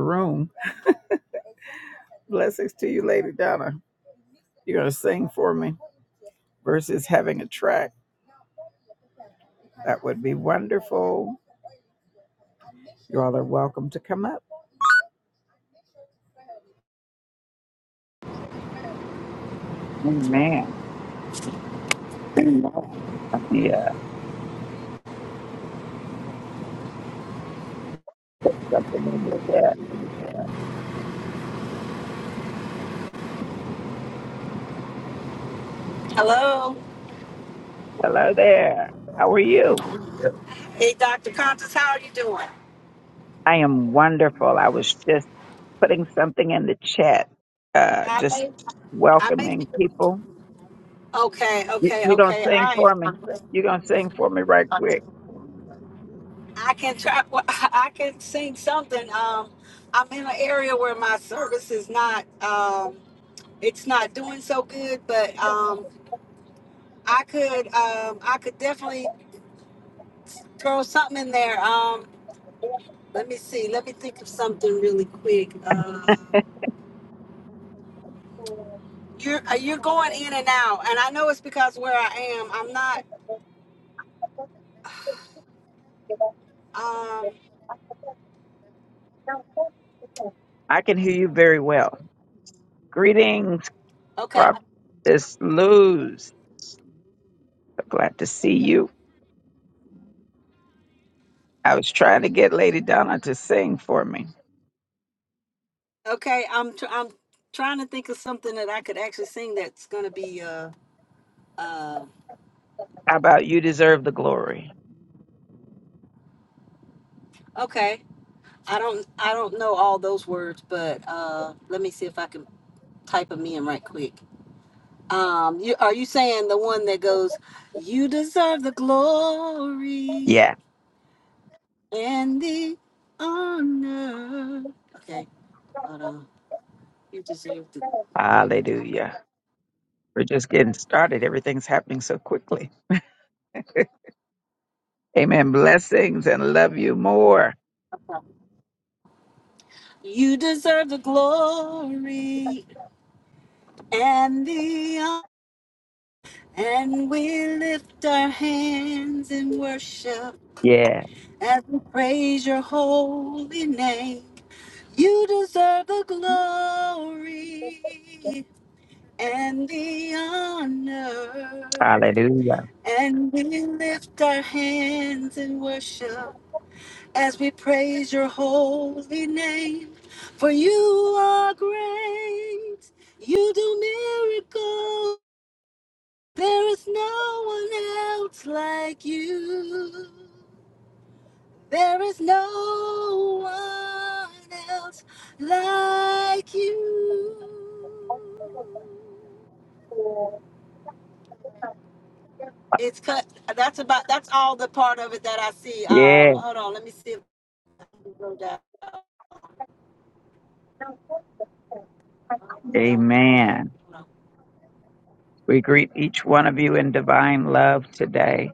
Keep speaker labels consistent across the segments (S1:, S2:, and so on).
S1: room. Blessings to you, Lady Donna. You're going to sing for me versus having a track. That would be wonderful. You all are welcome to come up. Amen. Yeah, something in the chat.
S2: Hello.
S1: Hello there. How are you?
S2: Hey, Dr. Contis, how are you doing?
S1: I am wonderful. I was just putting something in the chat, uh,
S2: I
S1: just
S2: make, I make.
S1: welcoming people.
S2: Okay,
S1: You,
S2: okay,
S1: you gonna
S2: okay.
S1: sing
S2: I,
S1: for me? You are gonna sing for me right quick?
S2: I can try. I can sing something. Um, I'm in an area where my service is not. Um, it's not doing so good, but um, I could. Um, I could definitely throw something in there. Um, let me see. Let me think of something really quick. Uh, you're uh, you're going in and out, and I know it's because where I am, I'm not. Um,
S1: I can hear you very well. Greetings,
S2: okay.
S1: Prophetess Luz. i glad to see you. I was trying to get Lady Donna to sing for me.
S2: Okay, I'm tr- I'm trying to think of something that I could actually sing that's gonna be uh uh
S1: How about you deserve the glory?
S2: okay. I don't I don't know all those words, but uh let me see if I can type them in right quick. Um, you are you saying the one that goes, "You deserve the glory
S1: Yeah.
S2: and the honor." Okay, hold on. You deserve the
S1: Hallelujah. We're just getting started. Everything's happening so quickly. Amen. Blessings and love you more.
S2: you deserve the glory and the And we lift our hands in worship
S1: Yeah.
S2: as we praise your holy name. You deserve the glory and the honor.
S1: Hallelujah.
S2: And we lift our hands in worship as we praise your holy name. For you are great, you do miracles. There is no one else like you. There is no one else like you. It's cut. That's about. That's all the part of it that I see. Um,
S1: Yeah.
S2: hold on. Let me see. If we can go down. Oh, I don't. Okay.
S1: Amen.
S2: Hold on.
S1: We greet each one of you in divine love today.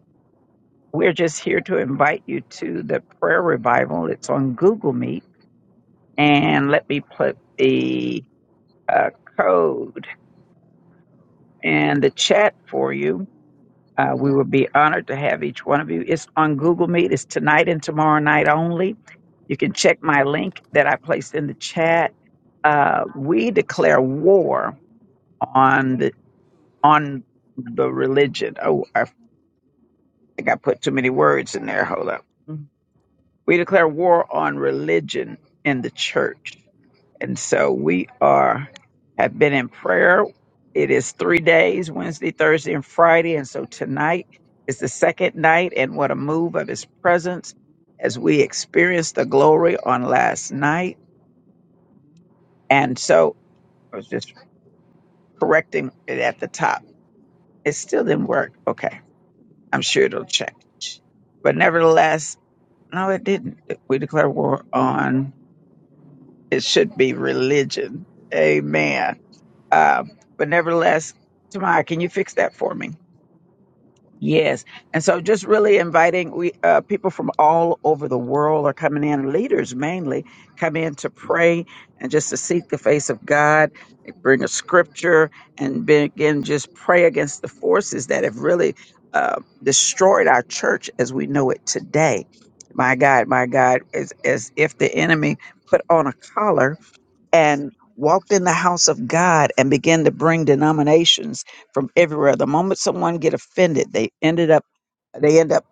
S1: We're just here to invite you to the prayer revival. It's on Google Meet. And let me put the uh, code in the chat for you. Uh, we would be honored to have each one of you. It's on Google Meet. It's tonight and tomorrow night only. You can check my link that I placed in the chat. Uh, we declare war on the on the religion. Oh, I think I put too many words in there. Hold up. We declare war on religion in the church. And so we are have been in prayer. It is three days, Wednesday, Thursday, and Friday. And so tonight is the second night, and what a move of his presence as we experienced the glory on last night. And so I was just correcting it at the top. It still didn't work. Okay. I'm sure it'll change. But nevertheless, no, it didn't. We declare war on it should be religion. Amen Uh, but nevertheless, Tamara, can you fix that for me? Yes. And so just really inviting we uh, people from all over the world are coming in, leaders mainly, come in to pray and just to seek the face of God, They bring a scripture and begin just pray against the forces that have really uh, destroyed our church as we know it today. My God, my God, as, as if the enemy put on a collar and walked in the house of God and began to bring denominations from everywhere. The moment someone get offended, they ended up they end up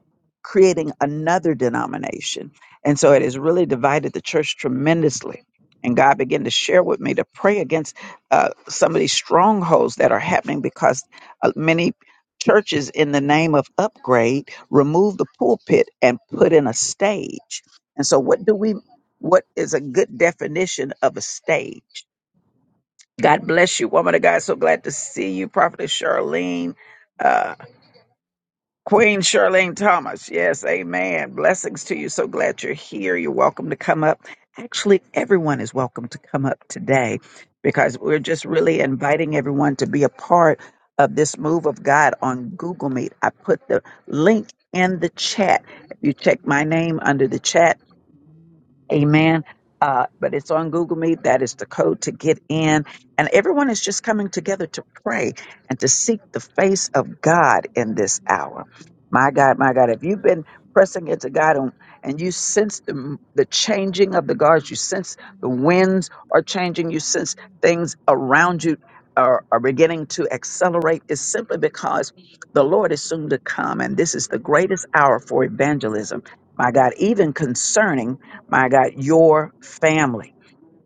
S1: creating another denomination. And so it has really divided the church tremendously. And God began to share with me to pray against uh, some of these strongholds that are happening because uh, many churches, in the name of upgrade, remove the pulpit and put in a stage. And so, what do we? What is a good definition of a stage? God bless you, woman of God. So glad to see you, Prophetess Charlene, uh, Queen Charlene Thomas. Yes, amen. Blessings to you. So glad you're here. You're welcome to come up. Actually, everyone is welcome to come up today because we're just really inviting everyone to be a part of this move of God on Google Meet. I put the link in the chat. If you check my name under the chat, Amen. Uh, but it's on Google Meet. That is the code to get in. And everyone is just coming together to pray and to seek the face of God in this hour. My God, my God, if you've been pressing into God and, and you sense the, the changing of the guards, you sense the winds are changing, you sense things around you are, are beginning to accelerate, it's simply because the Lord is soon to come. And this is the greatest hour for evangelism. My God, even concerning my God, your family.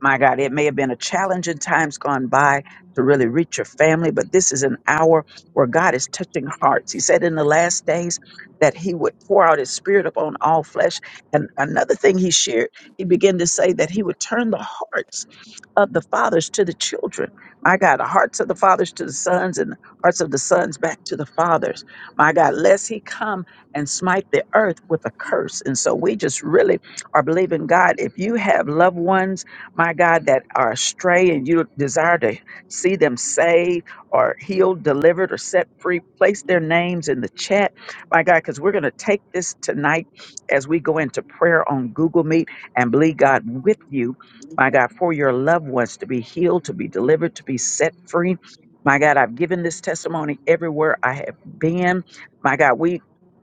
S1: My God, it may have been a challenge in times gone by to really reach your family, but this is an hour where God is touching hearts. He said in the last days that He would pour out His Spirit upon all flesh. And another thing He shared, He began to say that He would turn the hearts of the fathers to the children. My God, the hearts of the fathers to the sons and the hearts of the sons back to the fathers. My God, lest he come and smite the earth with a curse. And so we just really are believing God. If you have loved ones, my God, that are astray and you desire to see them saved or healed, delivered, or set free, place their names in the chat, my God, because we're going to take this tonight as we go into prayer on Google Meet and believe God with you my God, for your loved ones to be healed, to be delivered, to be set free. My God, I've given this testimony everywhere I have been. My God, we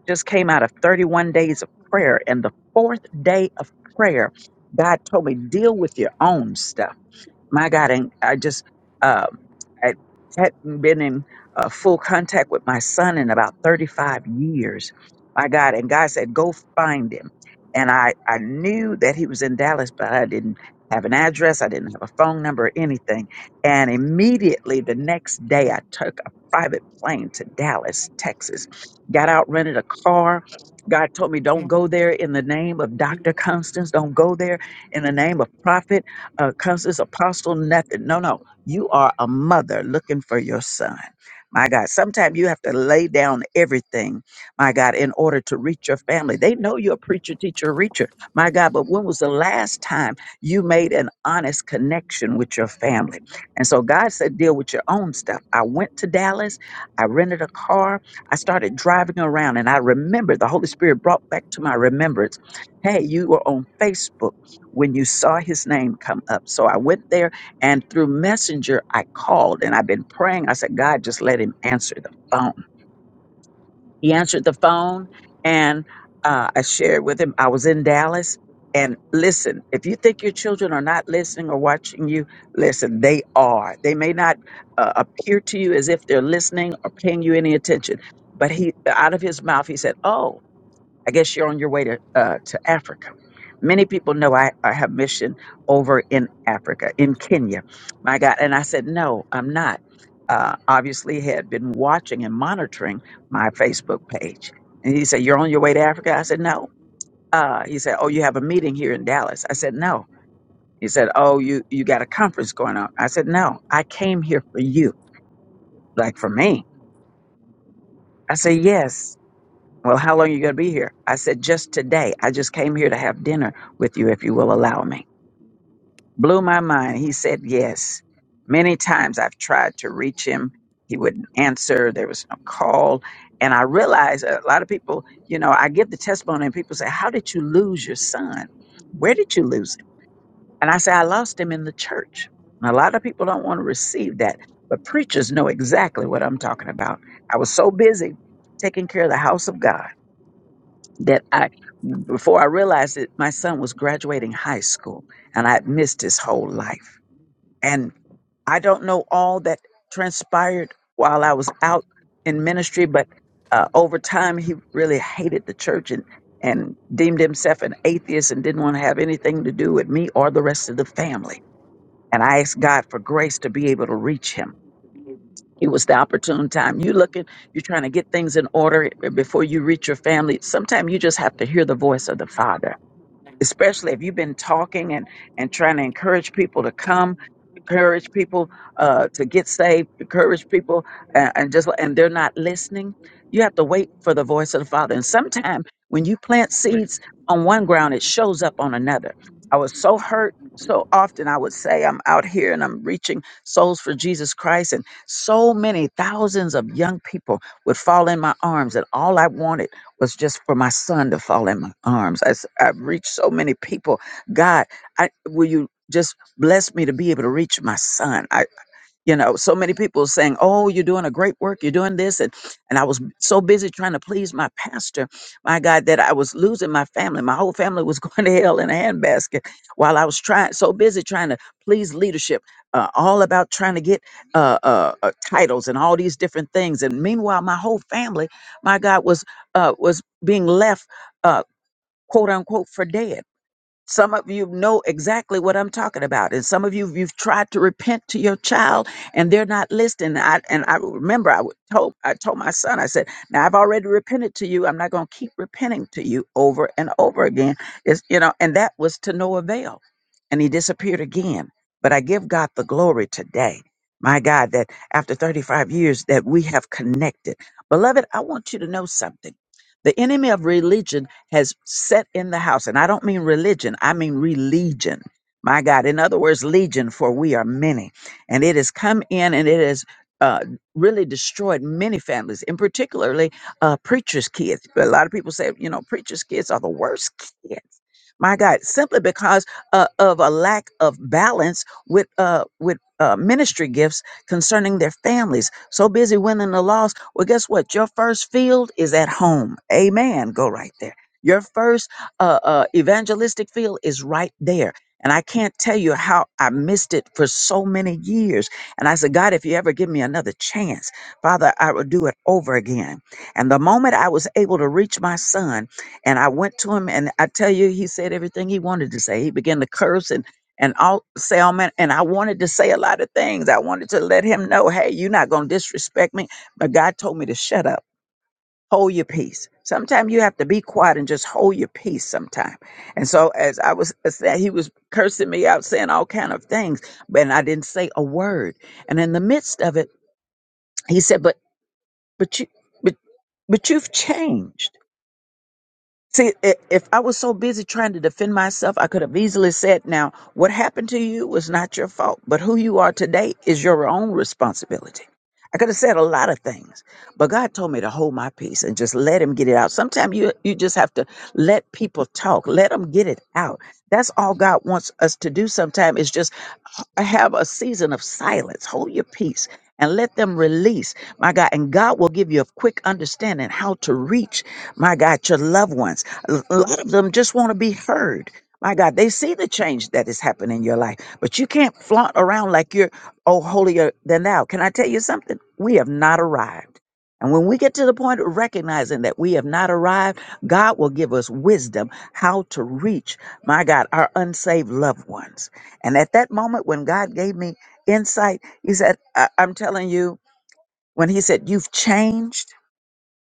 S1: just came out of 31 days of prayer, and the fourth day of prayer, God told me, deal with your own stuff my God, and I just uh, I hadn't been in uh, full contact with my son in about 35 years. My God, and God said, go find him. And I, I knew that he was in Dallas, but I didn't have an address. I didn't have a phone number or anything. And immediately the next day, I took a private plane to Dallas, Texas, got out, rented a car. God told me, don't go there in the name of Dr. Constance. Don't go there in the name of prophet uh, counselors, apostle, nothing. No, no. You are a mother looking for your son. My God, sometimes you have to lay down everything, my God, in order to reach your family. They know you're a preacher, teacher, reacher, my God, but when was the last time you made an honest connection with your family? And so God said, deal with your own stuff. I went to Dallas, I rented a car, I started driving around, and I remembered the Holy Spirit brought back to my remembrance hey, you were on Facebook when you saw his name come up. So I went there and through Messenger, I called and I've been praying. I said, God, just let him answer the phone. He answered the phone and uh, I shared with him. I was in Dallas. And listen, if you think your children are not listening or watching you, listen, they are. They may not uh, appear to you as if they're listening or paying you any attention. But he, out of his mouth, he said, Oh, I guess you're on your way to uh, to Africa. Many people know I, I have mission over in Africa, in Kenya. My God, and I said, no, I'm not. Uh, obviously, had been watching and monitoring my Facebook page, and he said, "You're on your way to Africa." I said, "No." Uh, he said, "Oh, you have a meeting here in Dallas." I said, "No." He said, "Oh, you you got a conference going on." I said, "No, I came here for you, like for me." I said, "Yes." Well, how long you going to be here? I said, just today. I just came here to have dinner with you if you will allow me. Blew my mind. He said, yes. Many times I've tried to reach him. He wouldn't answer. There was no call. And I realized a lot of people, you know, I give the testimony and people say, how did you lose your son? Where did you lose him? And I say, I lost him in the church. And a lot of people don't want to receive that, but preachers know exactly what I'm talking about. I was so busy taking care of the house of God that I, before I realized it, my son was graduating high school and I had missed his whole life. And I don't know all that transpired while I was out in ministry, but uh, over time, he really hated the church and, and deemed himself an atheist and didn't want to have anything to do with me or the rest of the family. And I asked God for grace to be able to reach him. It was the opportune time. You looking, you're trying to get things in order before you reach your family. Sometimes you just have to hear the voice of the Father especially if you've been talking and and trying to encourage people to come encourage people uh to get saved encourage people and, and just and they're not listening you have to wait for the voice of the father and sometimes when you plant seeds on one ground it shows up on another i was so hurt so often i would say i'm out here and i'm reaching souls for jesus christ and so many thousands of young people would fall in my arms and all i wanted was just for my son to fall in my arms. I, s- I've reached so many people. God, I, will you just bless me to be able to reach my son? I you know so many people saying oh you're doing a great work you're doing this and and i was b- so busy trying to please my pastor my god that i was losing my family my whole family was going to hell in a handbasket while i was trying so busy trying to please leadership uh, all about trying to get uh, uh, uh, titles and all these different things and meanwhile my whole family my god was uh, was being left uh, quote unquote for dead some of you know exactly what I'm talking about, and some of you you've tried to repent to your child, and they're not listening. I, and I remember I would told I told my son, I said, "Now I've already repented to you. I'm not going to keep repenting to you over and over again." It's you know, and that was to no avail, and he disappeared again. But I give God the glory today, my God, that after 35 years that we have connected, beloved. I want you to know something. The enemy of religion has set in the house. And I don't mean religion, I mean religion. My God. In other words, legion, for we are many. And it has come in and it has uh, really destroyed many families, and particularly uh, preachers' kids. A lot of people say, you know, preachers' kids are the worst kids my God, simply because uh, of a lack of balance with uh, with uh, ministry gifts concerning their families. So busy winning the loss. Well, guess what? Your first field is at home. Amen. Go right there. Your first uh, uh, evangelistic field is right there. And I can't tell you how I missed it for so many years. And I said, God, if you ever give me another chance, Father, I will do it over again. And the moment I was able to reach my son, and I went to him, and I tell you, he said everything he wanted to say. He began to curse and and all say all man. And I wanted to say a lot of things. I wanted to let him know, hey, you're not gonna disrespect me. But God told me to shut up, hold your peace. Sometimes you have to be quiet and just hold your peace. Sometimes. And so as I was as that he was cursing me out, saying all kind of things, but I didn't say a word. And in the midst of it, he said, but but you but but you've changed See, i- if I was so busy trying to defend myself, I could have easily said, now, what happened to you was not your fault, but who you are today is your own responsibility. I could have said a lot of things, but God told me to hold my peace and just let him get it out. Sometimes you, you just have to let people talk, let them get it out. That's all God wants us to do sometimes is just I have a season of silence. Hold your peace and let them release, my God. And God will give you a quick understanding how to reach, my God, your loved ones. A a lot of them just want to be heard. My God, they see the change that is happening in your life, but you can't flaunt around like you're, oh, holier than thou. Can I tell you something? We have not arrived. And when we get to the point of recognizing that we have not arrived, God will give us wisdom how to reach, my God, our unsaved loved ones. And at that moment, when God gave me insight, He said, I- I'm telling you, when He said, You've changed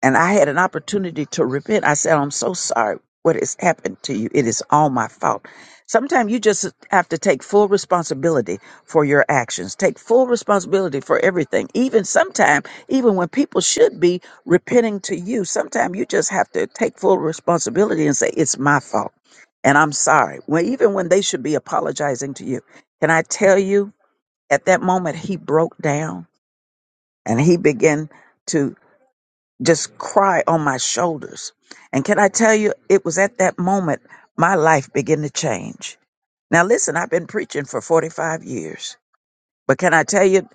S1: and I had an opportunity to repent. I said, I'm so sorry what has happened to you. It is all my fault. Sometimes you just have to take full responsibility for your actions. Take full responsibility for everything. Even sometimes, even when people should be repenting to you, sometimes you just have to take full responsibility and say, It's my fault. And I'm sorry. Well, even when they should be apologizing to you. Can I tell you, at that moment, he broke down and he began to just cry on my shoulders. And can I tell you, it was at that moment my life began to change. Now, listen, I've been preaching for 45 years, but can I tell you,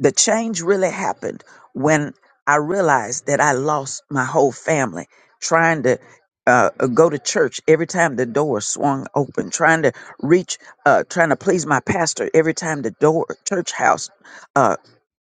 S1: the change really happened when I realized that I lost my whole family trying to. Uh, go to church every time the door swung open, trying to reach, uh, trying to please my pastor every time the door church house uh,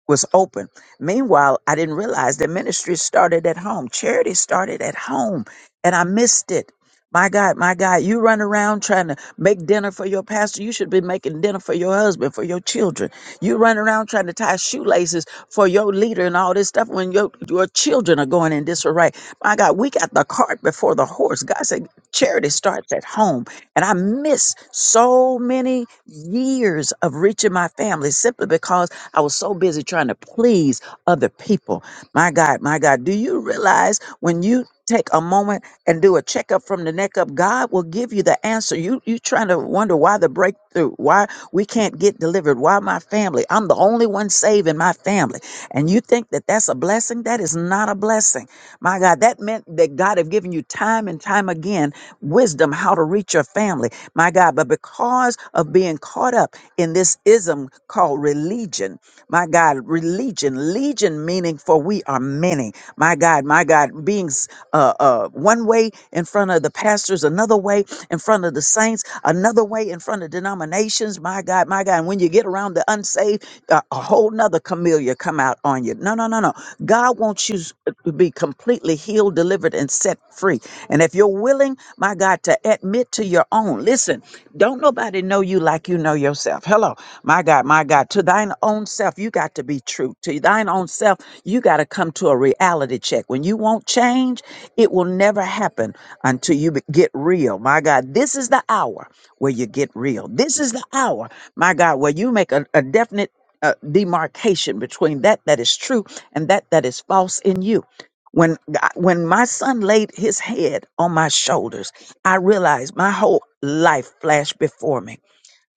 S1: was open. Meanwhile, I didn't realize that ministry started at home. Charity started at home, and I missed it. My God, my God, you run around trying to make dinner for your pastor. You should be making dinner for your husband, for your children. You run around trying to tie shoelaces for your leader and all this stuff when your, your children are going in disarray. My God, we got the cart before the horse. God said charity starts at home. And I missed so many years of reaching my family simply because I was so busy trying to please other people. My God, my God, do you realize when you take a moment and do a checkup from the neck up, God will give you the answer. You you trying to wonder why the breakthrough, why we can't get delivered, why my family, I'm the only one saved in my family. And you think that that's a blessing? That is not a blessing. My God, that meant that God have given you time and time again wisdom how to reach your family. My God, but because of being caught up in this ism called religion, my God, religion, legion meaning for we are many. My God, my God, being s- uh, uh, one way in front of the pastors, another way in front of the saints, another way in front of denominations. My God, my God. And when you get around the unsaved, uh, a whole nother camellia come out on you. No, no, no, no. God wants you s- uh, to be completely healed, delivered, and set free. And if you're willing, my God, to admit to your own, listen, don't nobody know you like you know yourself. Hello. My God, my God, to thine own self, you got to be true. To thine own self, you got to come to a reality check. When you won't change, it will never happen until you be- get real. My God, this is the hour where you get real. This is the hour, my God, where you make a, a definite uh, demarcation between that that is true and that that is false in you. When I- when my son laid his head on my shoulders, I realized my whole life flashed before me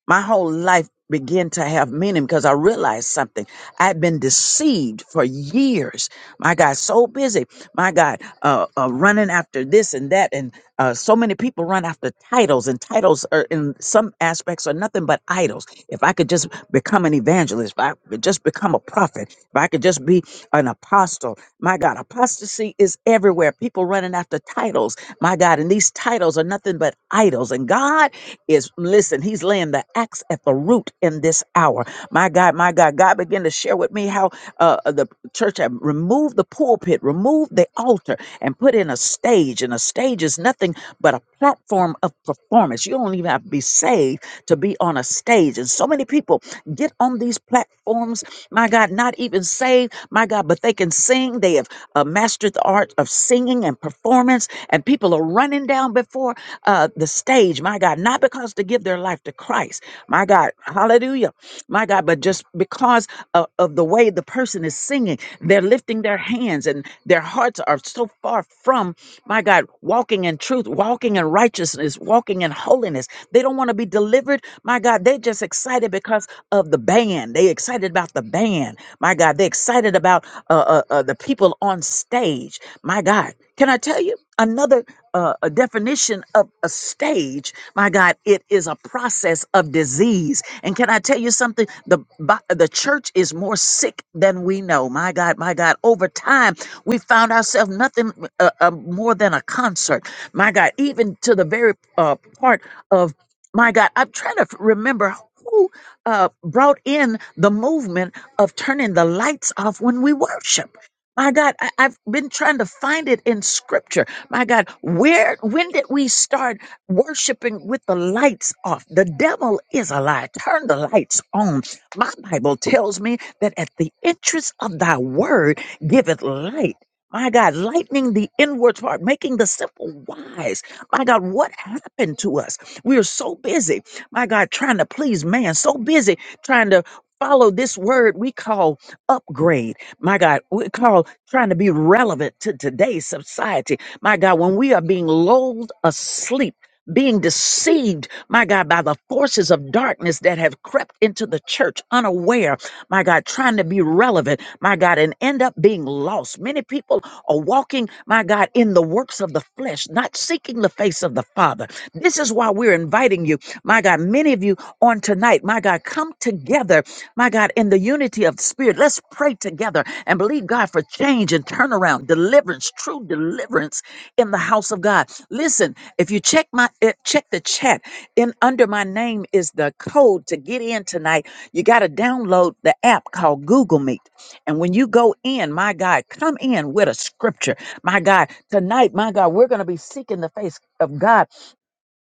S1: my whole life began to have meaning because I realized something. I'd been deceived for years. My God, so busy. My God, uh, uh, running after this and that, and uh, so many people run after titles, and titles are in some aspects are nothing but idols. If I could just become an evangelist, if I could just become a prophet, if I could just be an apostle. My God, apostasy is everywhere. People running after titles. My God, and these titles are nothing but idols. And God is listen, he's laying the axe at the root in this hour. My God, my God, God began to share with me how uh, uh, the church had removed the pulpit, removed the altar, and put in a stage. And a stage is nothing but a platform of performance. You don't even have to be saved to be on a stage. And so many people get on these platforms, my God, not even saved, my God, but they can sing. They have uh, mastered the art of singing singing and performance, and people are running down before uh, the stage, my God, not because to give their life to Christ, my God, hallelujah, my God, but just because of, of the way the person is singing, they're lifting their hands and their hearts are so far from, my God, walking in truth, walking in righteousness, walking in holiness. They don't want to be delivered, my God, they're just excited because of the band. They excited about the the band. My God, they're excited about uh, uh, uh, the people on stage. My God, can I tell you another uh, a definition of a stage? My God, it is a process of disease. And can I tell you something? The bo- the church is more sick than we know. My God, my God. Over time, we found ourselves nothing uh, uh, more than a concert. My God, even to the very uh, part of my God, I'm trying to f- remember. who uh, brought in the movement of turning the lights off when we worship. My God, I, I've been trying to find it in scripture. My God, where, when did we start worshiping with the lights off? The devil is a lie. Turn the lights on. My Bible tells me that at the entrance of thy word giveth light. My God, lightening the inward part, making the simple wise. My God, what happened to us? We are so busy my God, trying to please man, so busy trying to follow this word we call upgrade. My God, we call trying to be relevant to today's society. My God, when we are being lulled asleep, being deceived, my God, by the forces of darkness that have crept into the church unaware, my God, trying to be relevant, my God, and end up being lost. Many people are walking, my God, in the works of the flesh, not seeking the face of the Father. This is why we're inviting you my God, many of you on tonight, my God, come together, my God, in the unity of the Spirit. Let's pray together and believe God for change and turnaround, deliverance, true deliverance in the house of God. Listen, if you check my eh, check the chat, in under my name is the code to get in tonight. You got to download the app called Google Meet. And when you go in, my God, come in with a scripture. My God, tonight, my God, we're going to be seeking the face of God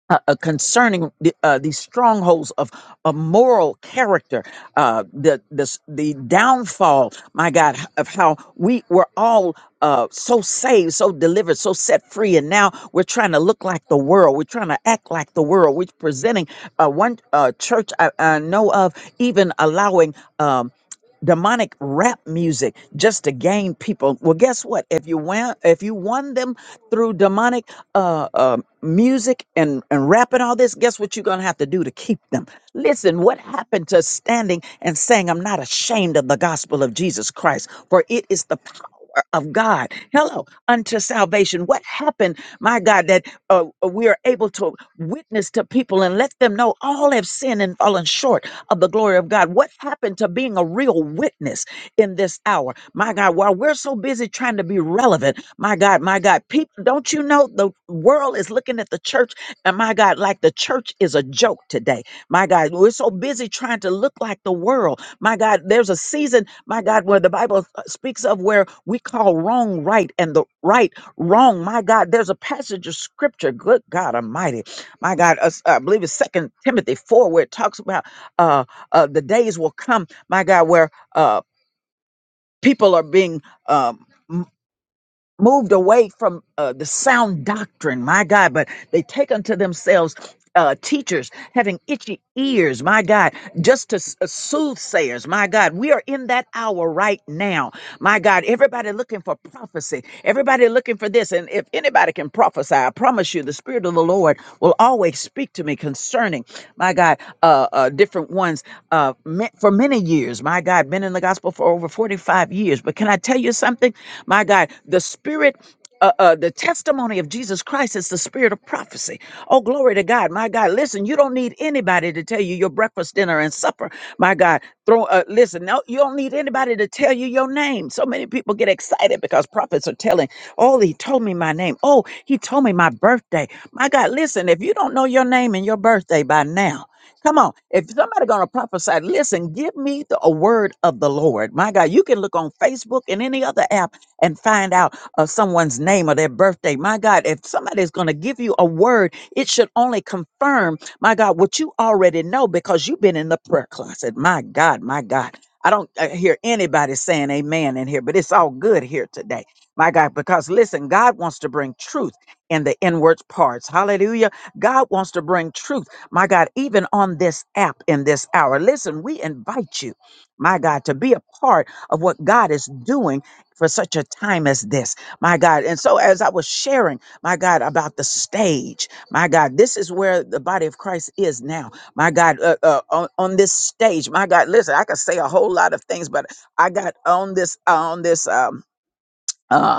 S1: uh, uh, concerning the, uh, these strongholds of, of moral character, uh, the, the s- the downfall, my God, h- of how we were all uh, so saved, so delivered, so set free, and now we're trying to look like the world. We're trying to act like the world. We're presenting uh, one uh, church I, I know of even allowing. Um, demonic rap music just to gain people well guess what if you won if you won them through demonic uh, uh, music and, and rap and all this, guess what you're going to have to do to keep them? Listen, what happened to standing and saying, I'm not ashamed of the gospel of Jesus Christ, for it is the power. Of God, hello, unto salvation. What happened, my God, that uh, we are able to witness to people and let them know all have sinned and fallen short of the glory of God? What happened to being a real witness in this hour, my God? While we're so busy trying to be relevant, my God, my God, people, don't you know the world is looking at the church? And my God, like the church is a joke today. My God, we're so busy trying to look like the world. My God, there's a season, my God, where the Bible uh, speaks of where we call wrong right and the right wrong. My God, there's a passage of scripture, good God Almighty. My God, us- I believe it's Second Timothy 4, where it talks about uh, uh, the days will come, my God, where uh, people are being. Um, moved away from uh, the sound doctrine, my God, but they take unto themselves uh, teachers having itchy ears, my God, just to s- uh, soothsayers, my God. We are in that hour right now, my God. Everybody looking for prophecy, everybody looking for this. And if anybody can prophesy, I promise you, the Spirit of the Lord will always speak to me concerning, my God uh, uh, different ones uh, ma- for many years. My God, been in the gospel for over 45 years. But can I tell you something? My God, the spirit. Uh, uh, the testimony of Jesus Christ is the spirit of prophecy. Oh, glory to God. My God, listen, you don't need anybody to tell you your breakfast, dinner, and supper. My God, throw, uh, listen, no, you don't need anybody to tell you your name. So many people get excited because prophets are telling, oh, he told me my name. Oh, he told me my birthday. My God, listen, if you don't know your name and your birthday by now, Come on. If somebody gonna prophesy, listen, give me the, a word of the Lord. My God, you can look on Facebook and any other app and find out uh, someone's name or their birthday. My God, if somebody's gonna give you a word, it should only confirm, my God, what you already know because you've been in the prayer closet. My God, my God. I don't uh, hear anybody saying amen in here, but it's all good here today. My God, because listen, God wants to bring truth in the inward parts. Hallelujah. God wants to bring truth my God, even on this app in this hour. Listen, we invite you, my God, to be a part of what God is doing for such a time as this, my God. And so, as I was sharing, my God, about the stage, my God, this is where the body of Christ is now, my God, uh, uh, on, on this stage, my God. Listen, I could say a whole lot of things, but I got on this on this um. uh,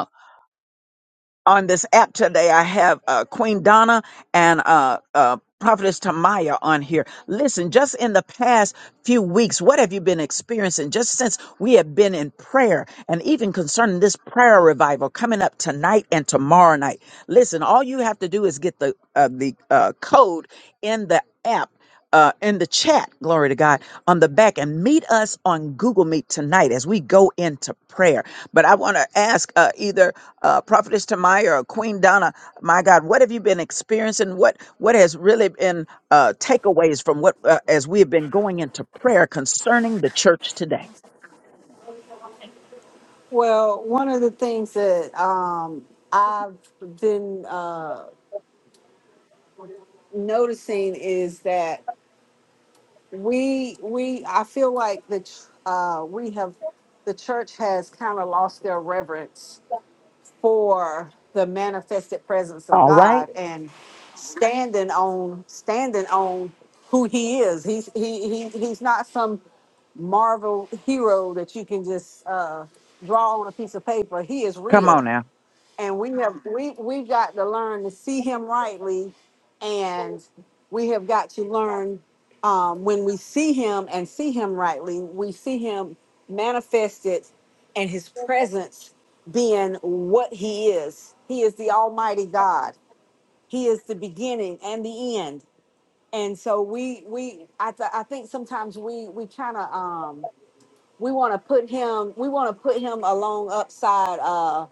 S1: on this app today. I have uh, Queen Donna and uh, uh, Prophetess Tamaya on here. Listen, just in the past few weeks, what have you been experiencing just since we have been in prayer and even concerning this prayer revival coming up tonight and tomorrow night? Listen, all you have to do is get the, uh, the uh, code in the app. Uh, in the chat, glory to God, on the back, and meet us on Google Meet tonight as we go into prayer. But I want to ask uh, either uh, Prophetess Tamaya or Queen Donna, my God, what have you been experiencing? What what has really been uh, takeaways from what uh, as we have been going into prayer concerning the church today?
S2: Well, one of the things that um, I've been uh, noticing is that. we we i feel like the ch- uh we have the church has kind of lost their reverence for the manifested presence of
S1: All right,
S2: god and standing on standing on who he is he's he, he he's not some marvel hero that you can just uh draw on a piece of paper he is
S1: come
S2: real
S1: on now.
S2: and we have we we've got to learn to see him rightly and we have got to learn um, when we see him and see him rightly we see him manifested and his presence being what he is he is the almighty god he is the beginning and the end and so we we i, th- I think sometimes we we kind of we want to put him we want to put him along upside uh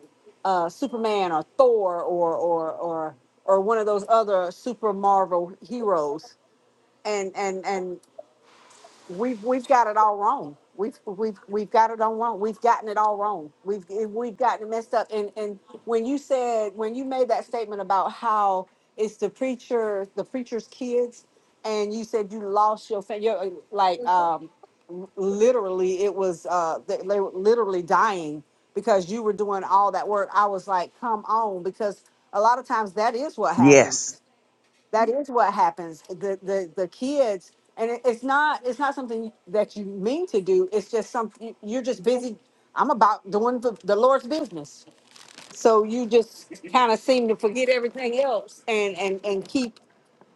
S2: uh superman or thor or or or or one of those other super marvel heroes and and and we've we've got it all wrong. We've we've we've got it all wrong. We've gotten it all wrong. We've we've gotten it messed up. And and when you said when you made that statement about how it's the preacher the preacher's kids, and you said you lost your family, like um, literally it was uh they, they were literally dying because you were doing all that work. I was like, come on, because a lot of times that is what happens
S1: Yes,
S2: that is what happens the the the kids and it, it's not it's not something that you mean to do it's just something you're just busy i'm about doing the, the lord's business so you just kind of seem to forget everything else and and and keep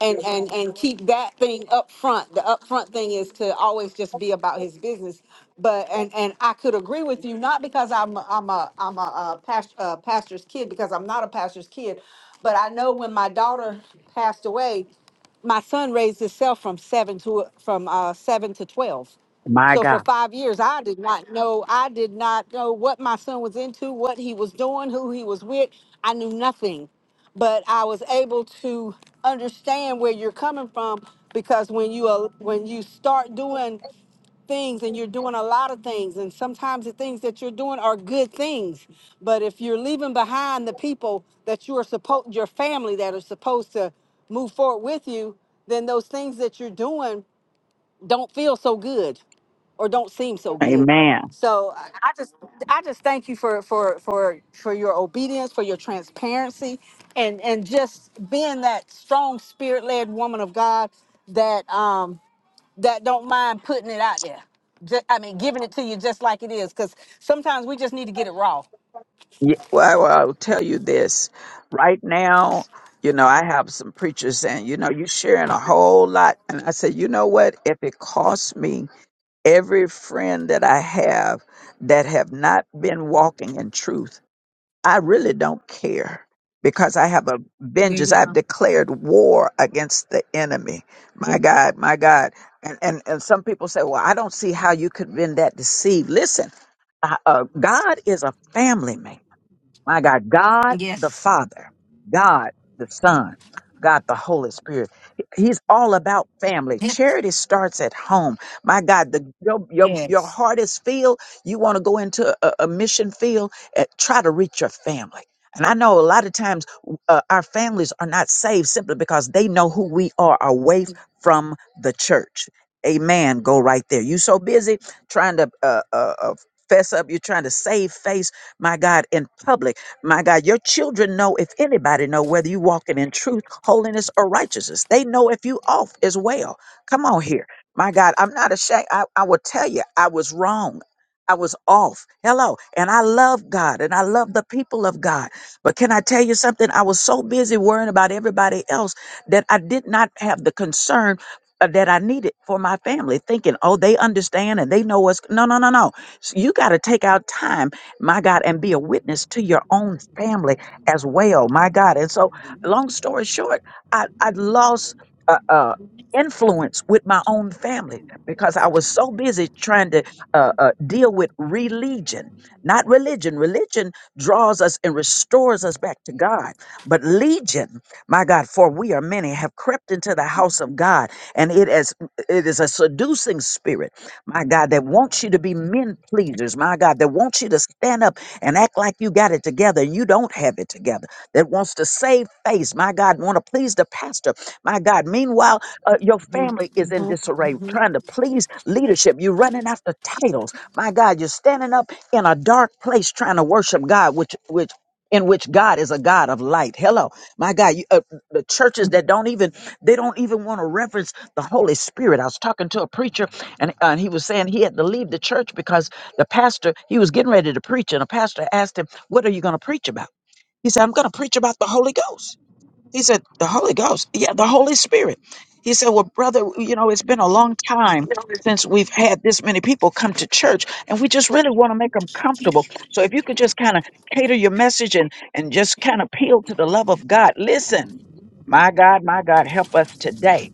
S2: and and and keep that thing up front the upfront thing is to always just be about his business but and and i could agree with you not because i'm a- i'm a i'm a, uh past, uh pastor's kid because i'm not a pastor's kid but i know when my daughter passed away my son raised himself from seven to from uh seven to 12
S1: my
S2: so for
S1: God,
S2: five years, I did not know. I did not know what my son was into, what he was doing, who he was with. I knew nothing, but I was able to understand where you're coming from because when you are when you start doing things and you're doing a lot of things and sometimes the things that you're doing are good things but if you're leaving behind the people that you are supposed your family that are supposed to move forward with you then those things that you're doing don't feel so good or don't seem so good.
S1: Amen.
S2: So I I just I just thank you for for for for your obedience, for your transparency, and and just being that strong spirit led woman of God that um that don't mind putting it out there. Ju- I mean, giving it to you just like it is, because sometimes we just need to get it raw.
S1: Yeah, well, I will tell you this. Right now, you know, I have some preachers saying, you know, you're sharing a whole lot. And I said, you know what? If it costs me every friend that I have that have not been walking in truth, I really don't care because I have a
S2: There
S1: vengeance.
S2: you
S1: I've
S2: go.
S1: declared war against the enemy. My God, my God. And, and, and some people say, well, I don't see how you could have been that deceived. Listen, uh, uh, God is a family man. My God, God the
S2: Yes.
S1: Father, God the Son, God the Holy Spirit. He- He's all about family. Charity starts at home. My God, the, your, your, your
S2: Yes.
S1: heart is filled. You want to go into a, a mission field, and try to reach your family. And I know a lot of times uh, our families are not saved simply because they know who we are away from the church. Amen. Go right there. You so busy trying to uh, uh, uh, fess up. You're trying to save face my God, in public my God, your children know if anybody know whether you walking in truth, holiness, or righteousness. They know if you off as well. Come on here. My God, I'm not ashamed. I, I will tell you, I was wrong. I was off. Hello. And I love God and I love the people of God. But can I tell you something? I was so busy worrying about everybody else that I did not have the concern uh, that I needed for my family, thinking, oh, they understand and they know what's. No, no, no, no. So you got to take out time my God, and be a witness to your own family as well, my God. And so, long story short, I, I lost uh, uh, influence with my own family because I was so busy trying to uh, uh, deal with religion, not religion. Religion draws us and restores us back to God, but legion, my God, for we are many, have crept into the house of God, and it is it is a seducing spirit my God, that wants you to be men pleasers, my God, that wants you to stand up and act like you got it together and you don't have it together, that wants to save face, my God, want to please the pastor, my God. Meanwhile, uh, your family is in disarray, trying to please leadership. You're running after titles, my God. You're standing up in a dark place trying to worship God, which which in which God is a God of light. Hello, my God. You, uh, the churches that don't even they don't even want to reverence the Holy Spirit. I was talking to a preacher and, uh, and he was saying he had to leave the church because the pastor, he was getting ready to preach, and a pastor asked him, What are you going to preach about? He said, I'm going to preach about the Holy Ghost. He said, The Holy Ghost. Yeah, the Holy Spirit. He said, Well, brother, you know, it's been a long time since we've had this many people come to church, and we just really want to make them comfortable. So if you could just kind of cater your message and, and just kind of appeal to the love of God, listen, my God, my God, help us today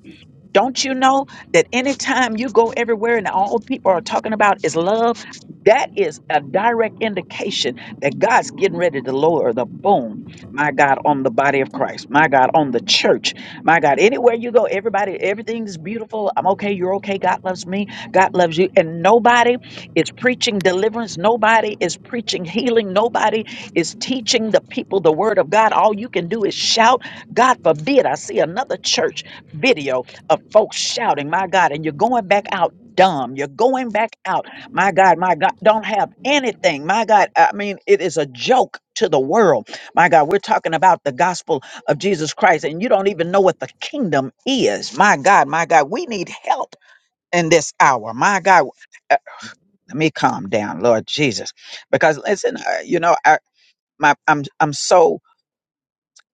S1: don't you know that anytime you go everywhere and all people are talking about is love, that is a direct indication that God's getting ready to lower the boom, my God, on the body of Christ, my God, on the church, my God. Anywhere you go, everybody, everything's beautiful. I'm okay, you're okay. God loves me, God loves you. And nobody is preaching deliverance, nobody is preaching healing, nobody is teaching the people the word of God. All you can do is shout, God forbid, I see another church video of folks shouting, my God, and you're going back out dumb. You're going back out, my God, my God, don't have anything. My God, I mean, it is a joke to the world. My God, we're talking about the gospel of Jesus Christ, and you don't even know what the kingdom is. My God, my God, we need help in this hour. My God, uh, let me calm down, Lord Jesus, because listen, uh, you know, I, my, I'm I'm so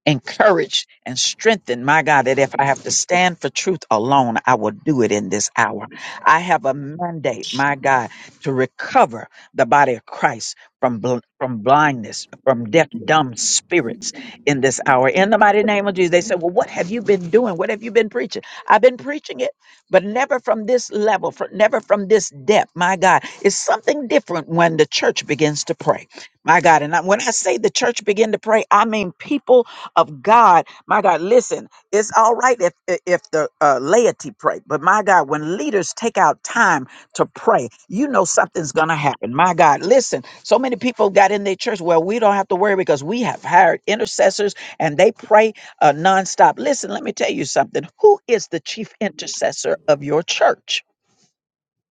S1: encouraged and strengthened, my God, that if I have to stand for truth alone, I will do it in this hour. I have a mandate, my God, to recover the body of Christ from, bl- from blindness, from deaf, dumb spirits in this hour. In the mighty name of Jesus, they said, Well, what have you been doing? What have you been preaching? I've been preaching it, but never from this level, fr- never from this depth, my God. It's something different when the church begins to pray, my God. And I, when I say the church begin to pray, I mean people of God. My God, listen, it's all right if if the uh, laity pray, but my God, when leaders take out time to pray, you know something's going to happen. My God, listen, so many people got in their church. Well, we don't have to worry because we have hired intercessors and they pray uh, nonstop. Listen, let me tell you something. Who is the chief intercessor of your church?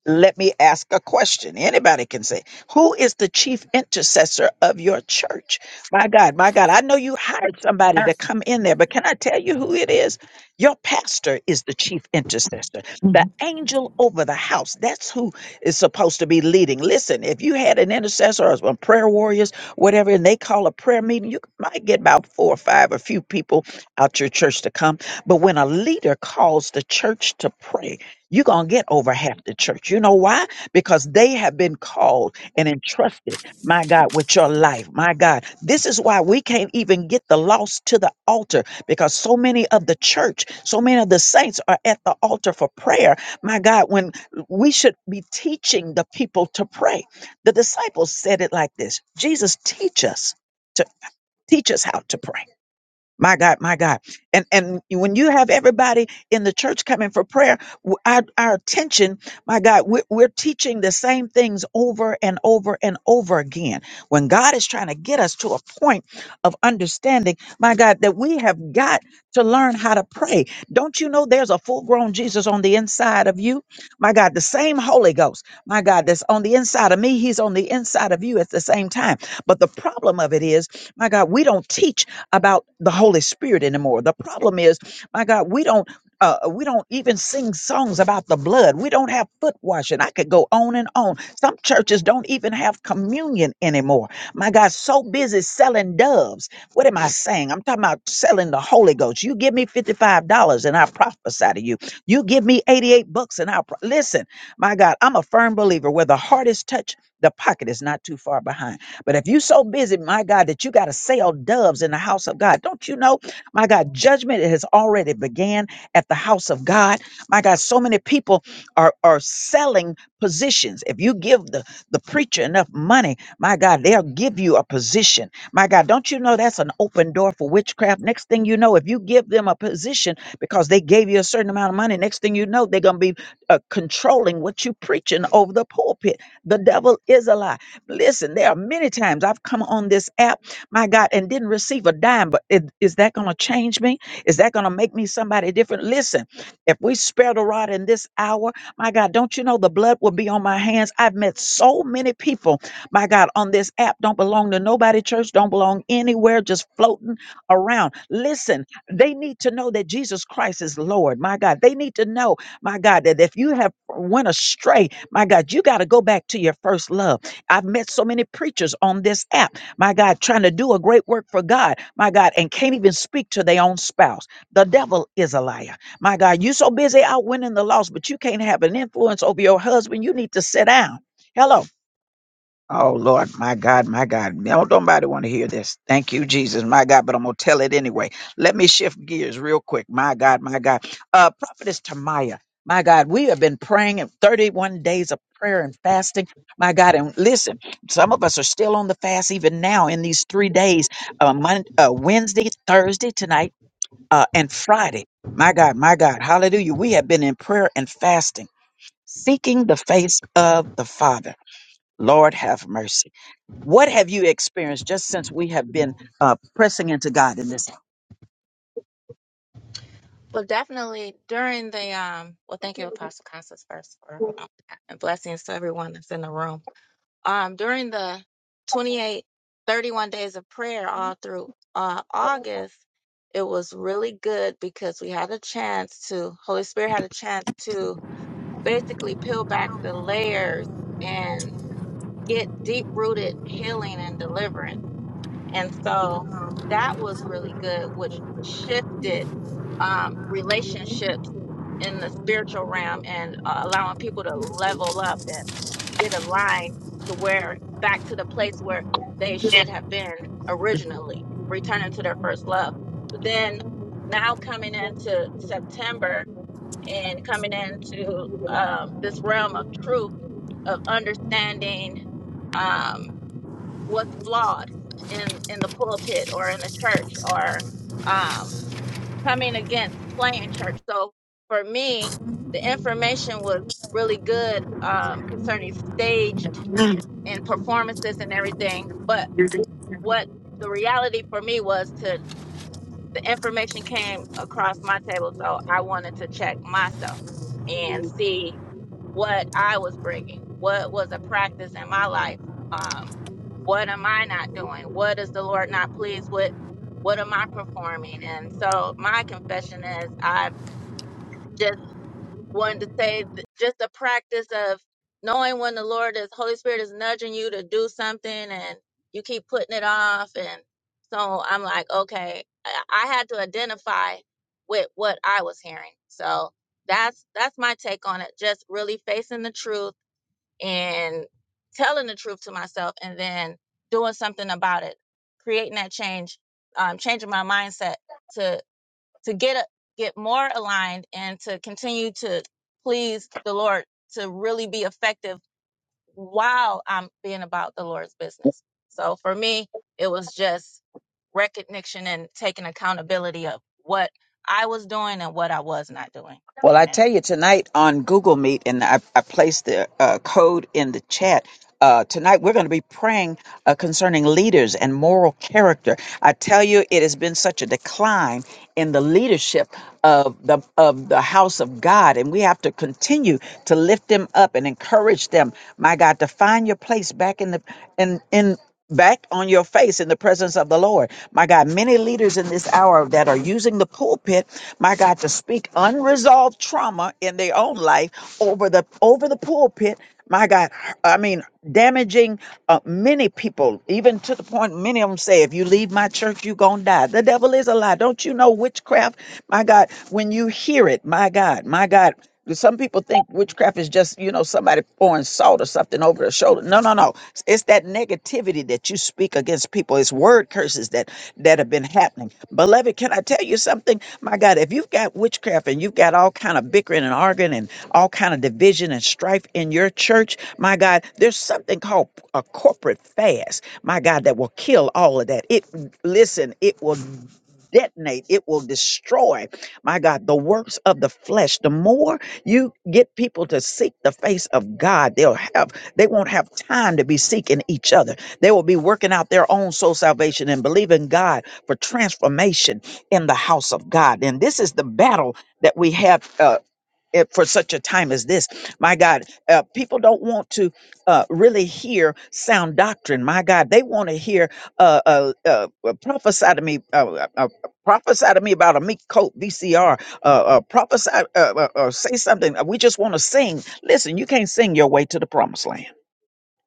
S1: Let me ask a question. Anybody can say, Who is the chief intercessor of your church? My God, my God, I know you hired somebody to come in there, but can I tell you who it is? Your pastor is the chief intercessor,
S2: Mhm.
S1: the angel over the house. That's who is supposed to be leading. Listen, if you had an intercessor or some prayer warriors, whatever, and they call a prayer meeting, you might get about four or five, a few people out your church to come. But when a leader calls the church to prayer, you're going to get over half the church. You know why? Because they have been called and entrusted, my God, with your life. My God, this is why we can't even get the lost to the altar because so many of the church, so many of the saints are at the altar for prayer. My God, when we should be teaching the people to pray. The disciples said it like this Jesus, teach us to teach us how to pray. My God, my God. And and when you have everybody in the church coming for prayer, w- our, our attention, my God, we're, we're teaching the same things over and over and over again. When God is trying to get us to a point of understanding, my God, that we have got to learn how to pray. Don't you know there's a full grown Jesus on the inside of you? My God, the same Holy Ghost, my God, that's on the inside of me, he's on the inside of you at the same time. But the problem of it is, my God, we don't teach about the Holy Spirit anymore. The problem is, my God, we don't uh, we don't even sing songs about the blood. We don't have foot washing. I could go on and on. Some churches don't even have communion anymore. My God, so busy selling doves. What am I saying? I'm talking about selling the Holy Ghost. You give me $55 and I prophesy to you. You give me 88 bucks and I'll pro- listen. My God, I'm a firm believer where the heart is touched, the pocket is not too far behind. But if you so busy, my God, that you got to sell doves in the house of God, don't you know, my God, judgment has already began at the house of God. My God, so many people are are selling positions. If you give the the preacher enough money, my God, they'll give you a position. My God, don't you know that's an open door for witchcraft? Next thing you know, if you give them a position because they gave you a certain amount of money, next thing you know, they're gonna be uh, controlling what you preaching over the pulpit. The devil is alive. Listen, there are many times I've come on this app, my God, and didn't receive a dime, but it, is that going to change me? Is that going to make me somebody different? Listen, if we spare the rod in this hour, my God, don't you know the blood will be on my hands? I've met so many people, my God, on this app, don't belong to nobody church, don't belong anywhere, just floating around. Listen, they need to know that Jesus Christ is Lord, my God. They need to know, my God, that if you have went astray, my God, you got to go back to your first love. I've met so many preachers on this app, my God, trying to do a great work for God, my God, and can't even speak to their own spouse. The devil is a liar. My God, you so busy out winning the loss, but you can't have an influence over your husband. You need to sit down. Hello. Oh Lord, my God, my God. No, nobody want to hear this. Thank you, Jesus, my God, but I'm gonna tell it anyway. Let me shift gears real quick. My God, my God. Uh Prophetess Tamaya, my God, we have been praying in 31 days of prayer and fasting. My God, and listen, some of us are still on the fast even now in these three days, uh, Monday, uh Wednesday, Thursday, tonight, uh, and Friday. My God, my God, hallelujah. We have been in prayer and fasting, seeking the face of the Father. Lord have mercy. What have you experienced just since we have been uh, pressing into God in this?
S3: Well, definitely during the um. Well, thank you, Apostle Constance, first for allowing that, and blessings to everyone that's in the room. Um, during the 28, 31 days of prayer all through uh August, it was really good because we had a chance to Holy Spirit had a chance to basically peel back the layers and get deep rooted healing and deliverance. And so that was really good, which shifted um, relationships in the spiritual realm and uh, allowing people to level up and get aligned to where back to the place where they should have been originally, returning to their first love. But then now coming into September and coming into um, this realm of truth, of understanding. um, what's flawed in in the pulpit or in the church or um, coming against playing church. So for me, the information was really good um, concerning staged and performances and everything. But what the reality for me was to the information came across my table, so I wanted to check myself and see what I was bringing, what was a practice in my life. um, what am I not doing? What is the Lord not pleased with? What am I performing? And so my confession is I just wanted to say th- just the practice of knowing when the Lord is Holy Spirit is nudging you to do something and you keep putting it off and so I'm like, okay, I I had to identify with what I was hearing. So that's that's my take on it. Just really facing the truth and telling the truth to myself and then doing something about it creating that change um, changing my mindset to to get a, get more aligned and to continue to please the lord to really be effective while I'm being about the Lord's business. So for me, it was just recognition and taking accountability of what I was doing and what I was not doing.
S1: Well, I
S3: Amen.
S1: tell you, tonight on Google Meet, and I, I placed the uh, code in the chat. Uh, tonight, we're going to be praying uh, concerning leaders and moral character. I tell you, it has been such a decline in the leadership of the of the house of God, and we have to continue to lift them up and encourage them. My God, to find your place back in the in in back on your face in the presence of the Lord. My God, many leaders in this hour that are using the pulpit, my God, to speak unresolved trauma in their own life over the over the pulpit my God, I mean, damaging uh, many people, even to the point many of them say, if you leave my church, you're going to die. The devil is a lie. Don't you know witchcraft? My God, when you hear it, my God, my God. Some people think witchcraft is just, you know, somebody pouring salt or something over their shoulder. No, no, no. It's that negativity that you speak against people. It's word curses that that have been happening. Beloved, can I tell you something? My God, if you've got witchcraft and you've got all kind of bickering and arguing and all kind of division and strife in your church, my God, there's something called a corporate fast. My God, that will kill all of that. It listen, it will detonate, it will destroy, my God, the works of the flesh. The more you get people to seek the face of God, they'll have they won't have time to be seeking each other. They will be working out their own soul salvation and believing God for transformation in the house of God. And this is the battle that we have uh, it- for such a time as this. My God, uh, people don't want to uh, really hear sound doctrine. My God, they want to hear uh, uh, uh, uh, prophesy to me. Uh, uh, uh, Prophesy to me about a meat coat VCR. Uh, uh, prophesy, uh, uh, uh, say something. We just want to sing. Listen, you can't sing your way to the promised land.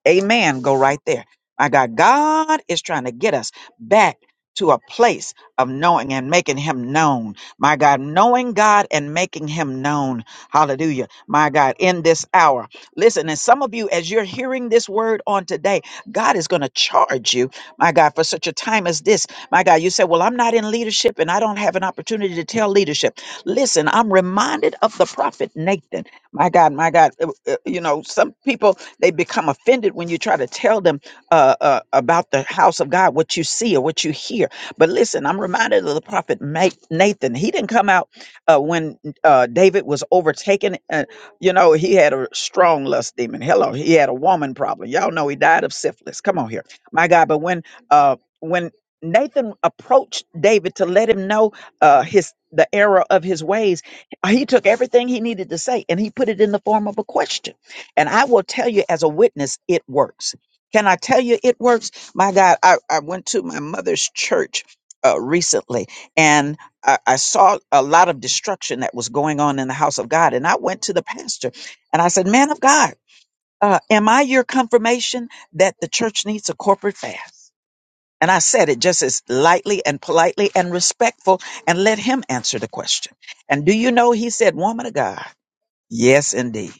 S1: Amen. Go right there. My God, God is trying to get us back to a place of knowing and making him known. My God, knowing God and making him known. Hallelujah. My God, in this hour. Listen, and some of you, as you're hearing this word on today, God is going to charge you, my God, for such a time as this. My God, you say, Well, I'm not in leadership and I don't have an opportunity to tell leadership. Listen, I'm reminded of the prophet Nathan. My God, my God, uh, uh, you know, some people they become offended when you try to tell them uh, uh, about the house of God, what you see or what you hear. But listen, I'm reminded of the prophet Ma- Nathan. He didn't come out uh, when uh, David was overtaken. Uh, you know, he had a strong lust demon. Hello, he had a woman problem. Y'all know he died of syphilis. Come on here, my God. But when uh, when Nathan approached David to let him know uh, his the error of his ways. He took everything he needed to say and he put it in the form of a question. And I will tell you as a witness, it works. Can I tell you it works? My God, I, I went to my mother's church uh, recently and I, I saw a lot of destruction that was going on in the house of God. And I went to the pastor and I said, Man of God, uh, am I your confirmation that the church needs a corporate fast? And I said it just as lightly and politely and respectful and let him answer the question. And do you know, he said, Woman of God, yes, indeed.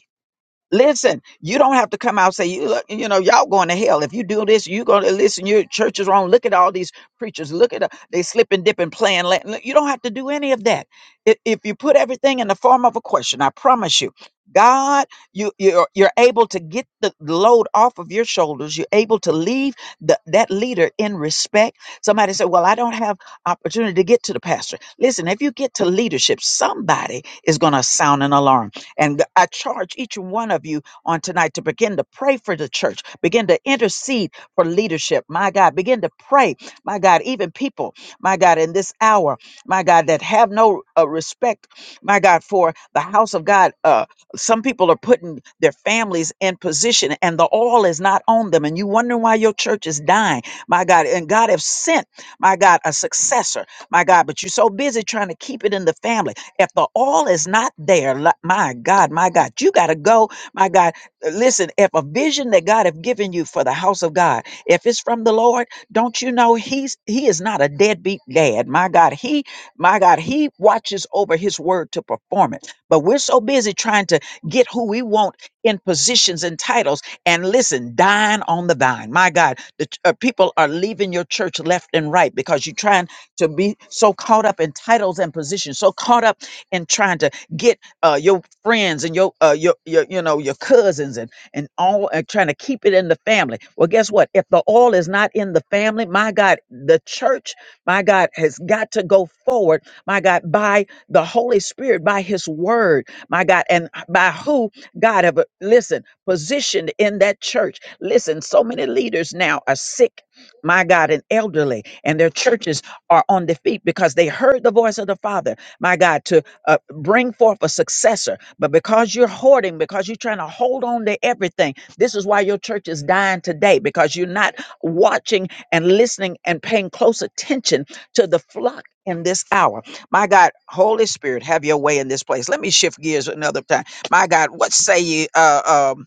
S1: Listen, you don't have to come out and say, you look, you know, y'all going to hell. If you do this, you going to listen. Your church is wrong. Look at all these preachers. Look at the, they slip and dip and playing Latin. Look, You don't have to do any of that. I- If you put everything in the form of a question, I promise you, God, you, you're, you're able to get the load off of your shoulders. You're able to leave the, that leader in respect. Somebody said, well, I don't have opportunity to get to the pastor. Listen, if you get to leadership, somebody is going to sound an alarm and I charge each one of you on tonight to begin to pray for the church, begin to intercede for leadership. My God, begin to pray. My God, even people, my God, in this hour, my God, that have no uh, respect, my God, for the house of God. Uh, some people are putting their families in position and the oil is not on them. And you wonder why your church is dying, my God. And God have sent, my God, a successor, my God, but you're so busy trying to keep it in the family. If the oil is not there, li- my God, my God, you got to go. My God, listen, if a vision that God have given you for the house of God, if it's from the Lord, don't you know he's he is not a deadbeat dad. My God, he my God, he watches over his word to perform it. But we're so busy trying to get who we want in positions and titles and listen, dying on the vine. My God, the ch- uh, people are leaving your church left and right because you're trying to be so caught up in titles and positions, so caught up and trying to get uh, your friends and your, uh, your your you know your cousins and and all and trying to keep it in the family. Well, guess what? If the oil is not in the family, my God, the church, my God, has got to go forward, my God, by the Holy Spirit, by His Word, my God, and by who God have uh, listen positioned in that church. Listen, so many leaders now are sick, my God, and elderly, and their churches are on their feet because they heard the voice of the Father, my God, to uh, bring forth a successor. But because you're hoarding, because you're trying to hold on to everything, this is why your church is dying today because you're not watching and listening and paying close attention to the flock in this hour. My God, Holy Spirit, have your way in this place. Let me shift gears another time. My God, what say you, uh, um,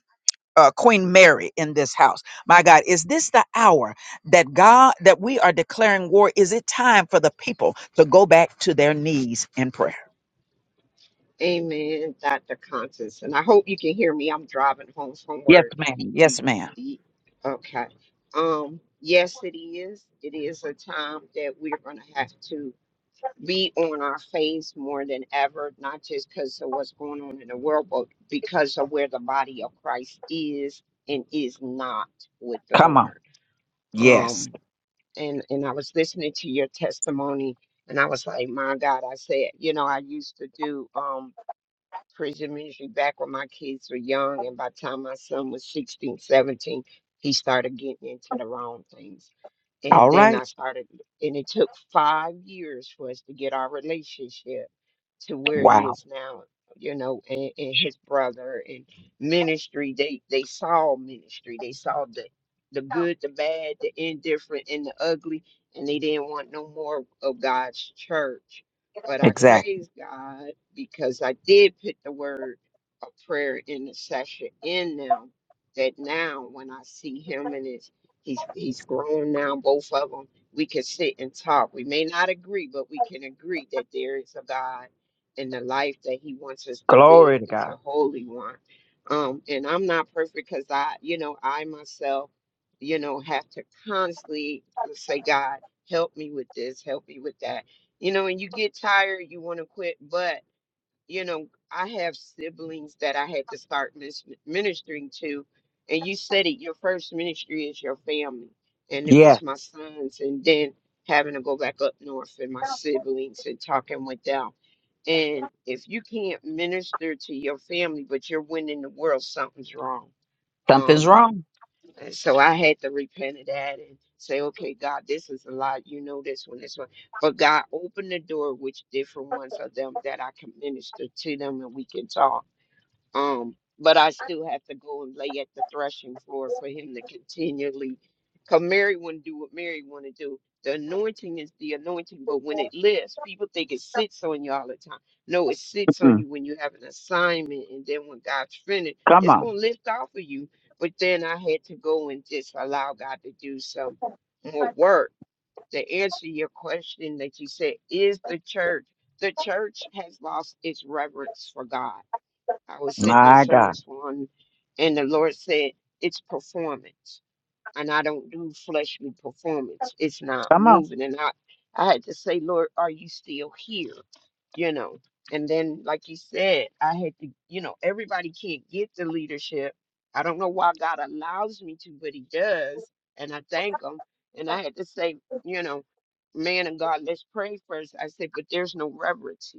S1: uh, Queen Mary in this house. My God, is this the hour that God, that we are declaring war? Is it time for the people to go back to their knees in prayer?
S4: Amen, Dr. Constance. And I hope you can hear me. I'm driving home from
S1: Yes,
S4: work.
S1: ma'am.
S4: Ye-
S1: Yes, ma'am.
S4: ye- Okay. Um, yes, it is. It is a time that we're going to have to be on our face more than ever, not just because of what's going on in the world, but because of where the body of Christ is and is not with the
S1: Come on.
S4: Lord.
S1: Yes.
S4: Um, and and I was listening to your testimony, and I was like, my God, I said, you know, I used to do. um, prison ministry back when my kids were young. And by the time my son was 16, 17, he started getting into the wrong things.
S1: All
S4: And then I
S1: right.
S4: started, and it took five years for us to get our relationship to where it
S1: Wow.
S4: is now, you know, and, and his brother and ministry, they, they saw ministry. They saw the, the good, the bad, the indifferent, and the ugly, and they didn't want no more of God's church. But I
S1: Exactly.
S4: praise God because I did put the word of prayer intercession in now. That now, when I see him and his, he's he's grown now, both of them, we can sit and talk. We may not agree, but we can agree that there is a God, and the life that He wants us to live
S1: Glory to
S4: is
S1: God.
S4: a holy one. Um, and I'm not perfect because I, you know, I myself, you know, have to constantly say, God, help me with this, help me with that. You know, and you get tired, you want to quit, but you know, I have siblings that I had to start mis- ministering to. And you said it, your first ministry is your family. And it
S1: Yes.
S4: was my sons, and then having to go back up north and my siblings and talking with them. And if you can't minister to your family, but you're winning the world, something's wrong.
S1: Something's
S4: Um,
S1: wrong.
S4: and so I had to repent of that and say, okay, God, this is a lot. You know this one, this one. But God, open the door which different ones of them that I can minister to them and we can talk um, but I still have to go and lay at the threshing floor for him to continually, because Mary wouldn't do what Mary want to do. The anointing is the anointing, but when it lifts, people think it sits on you all the time. No, it sits on
S1: Mm-mm.
S4: you when you have an assignment, and then when God's finished,
S1: Come
S4: it's
S1: on.
S4: gonna lift off of you. But then I had to go and just allow God to do some more work. To answer your question that you said, is the church the church has lost its reverence for God I was sitting in
S1: My God.
S4: service one, and the Lord said, It's performance. And I don't do fleshly performance. It's not
S1: Come on.
S4: moving. And I, I had to say, Lord, are you still here? You know. And then, like you said, I had to, you know, everybody can't get the leadership. I don't know why God allows me to, but He does. And I thank Him. And I had to say, you know, man of God, let's pray first. I said, but there's no reverence here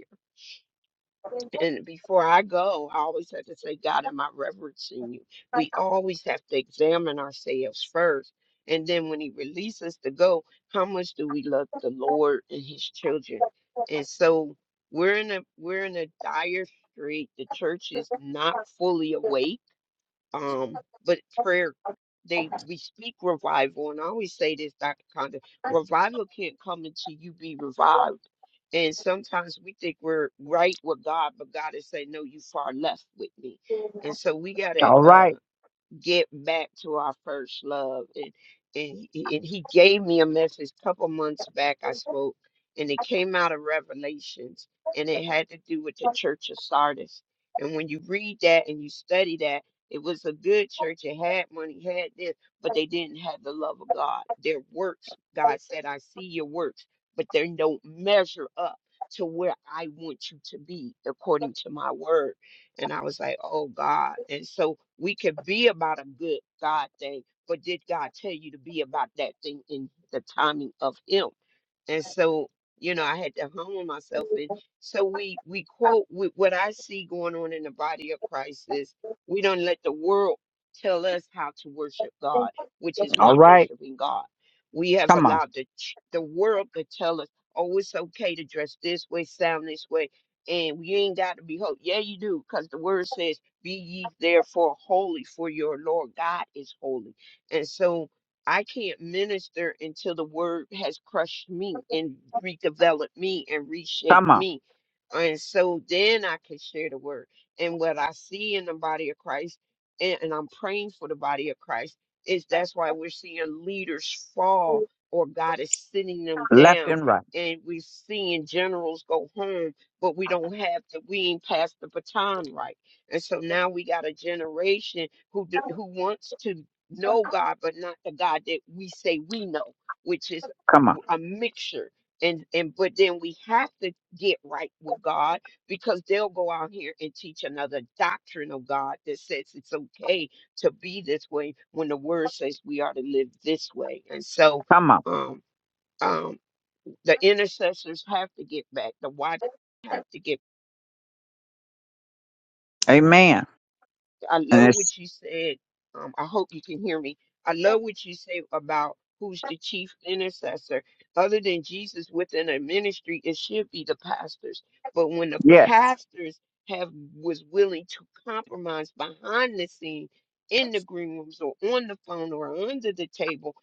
S4: and before I go, I always have to say, God, am I reverencing you? We always have to examine ourselves first. And then when He releases us to go, how much do we love the Lord and His children? And so we're in a we're in a dire strait. The church is not fully awake um, but prayer, they we speak revival, and I always say this, Dr. Conda, revival can't come until you be revived. And sometimes we think we're right with God, but God is saying, "No, you far left with me." And so we gotta.
S1: All
S4: uh
S1: right.
S4: get back to our first love. And, and, he- and he gave me a message a couple months back. I spoke, and it came out of Revelations, and it had to do with the church of Sardis. And when you read that and you study that, it was a good church. It had money, had this, but they didn't have the love of God. Their works, God said, I see your works, but they don't measure up to where I want you to be according to my word. And I was like, oh God. And so we could be about a good God thing, but did God tell you to be about that thing in the timing of Him? and so you know i had to humble myself and so we we quote with what i see going on in the body of christ is we don't let the world tell us how to worship god which is
S1: All
S4: not
S1: right.
S4: worshiping god we have
S1: Come on.
S4: allowed the ch- the world to tell us oh it's okay to dress this way sound this way and you ain't got to be holy yeah you do because the word says be ye therefore holy for your lord god is holy and so I can't minister until the word has crushed me and redeveloped me and
S1: Come
S4: reshaped
S1: on.
S4: me. And so then I can share the word. And what I see in the body of Christ, and, and I'm praying for the body of Christ, is that's why we're seeing leaders fall or God is sitting them
S1: Left
S4: down.
S1: and right.
S4: And we're seeing generals go home, but we don't have to, we ain't passed the baton right. And so now we got a generation who, d- who wants to know God, but not the God that we say we know, which is a
S1: Come on.
S4: mixture. And and but then we have to get right with God because they'll go out here and teach another doctrine of God that says it's okay to be this way when the word says we are to live this way. And so
S1: Come on.
S4: um um the intercessors have to get back, the watch have to get
S1: Amen.
S4: I
S1: And
S4: love
S1: it's,
S4: what you said. Um, I hope you can hear me. I love what you say about who's the chief intercessor. Other than Jesus within a ministry, it should be the pastors. But when the
S1: yes,
S4: pastors have was willing to compromise behind the scene in the green rooms or on the phone or under the table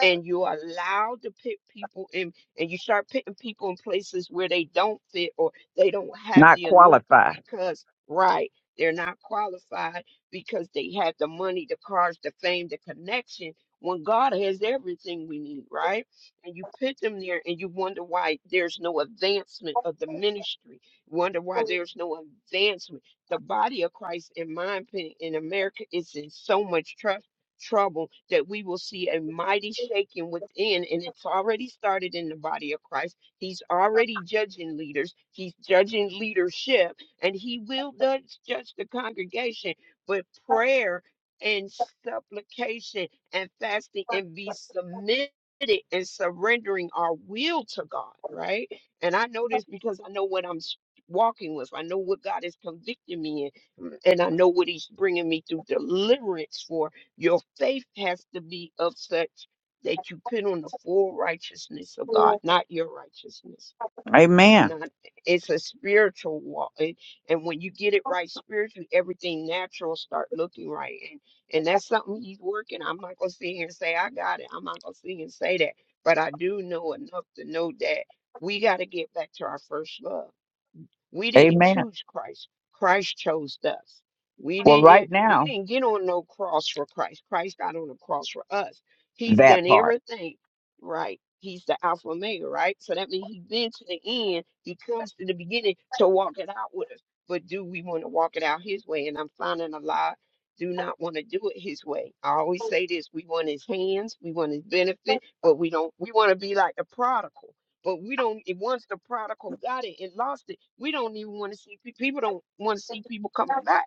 S4: and you allow to pick people in and you start putting people in places where they don't fit or they don't have
S1: not
S4: the anointing
S1: qualified.
S4: because right they're not qualified because they have the money the cars the fame the connection when god has everything we need right and you put them there and you wonder why there's no advancement of the ministry wonder why there's no advancement the body of christ in my opinion in america is in so much trouble trouble that we will see a mighty shaking within and it's already started in the body of christ he's already judging leaders he's judging leadership and he will judge, judge the congregation but prayer and supplication and fasting and be submitted and surrendering our will to god right and i know this because i know what i'm s- walking with i know what god is convicting me in and i know what he's bringing me through deliverance for your faith has to be of such that you put on the full righteousness of God, not your righteousness. It's
S1: Amen.
S4: not, it's a spiritual walk. And, and when you get it right spiritually, everything natural start looking right. And, and that's something he's working. I'm not going to sit here and say, I got it. I'm not going to sit here and say that. But I do know enough to know that we got to get back to our first love we didn't
S1: Amen.
S4: choose Christ. Christ chose us. We
S1: Well, right
S4: didn't we
S1: now,
S4: didn't get on no cross for Christ. Christ got on the cross for us. He's
S1: that
S4: done
S1: part.
S4: everything right. He's the Alpha and Omega, right? So that means he's been to the end. He comes to the beginning to walk it out with us. But do we want to walk it out his way? And I'm finding a lot do not want to do it his way. I always say this we want his hands, we want his benefit, but we don't we want to be like the prodigal. But we don't. It, once the prodigal got it and lost it, we don't even want to see pe- people. Don't want to see people coming back,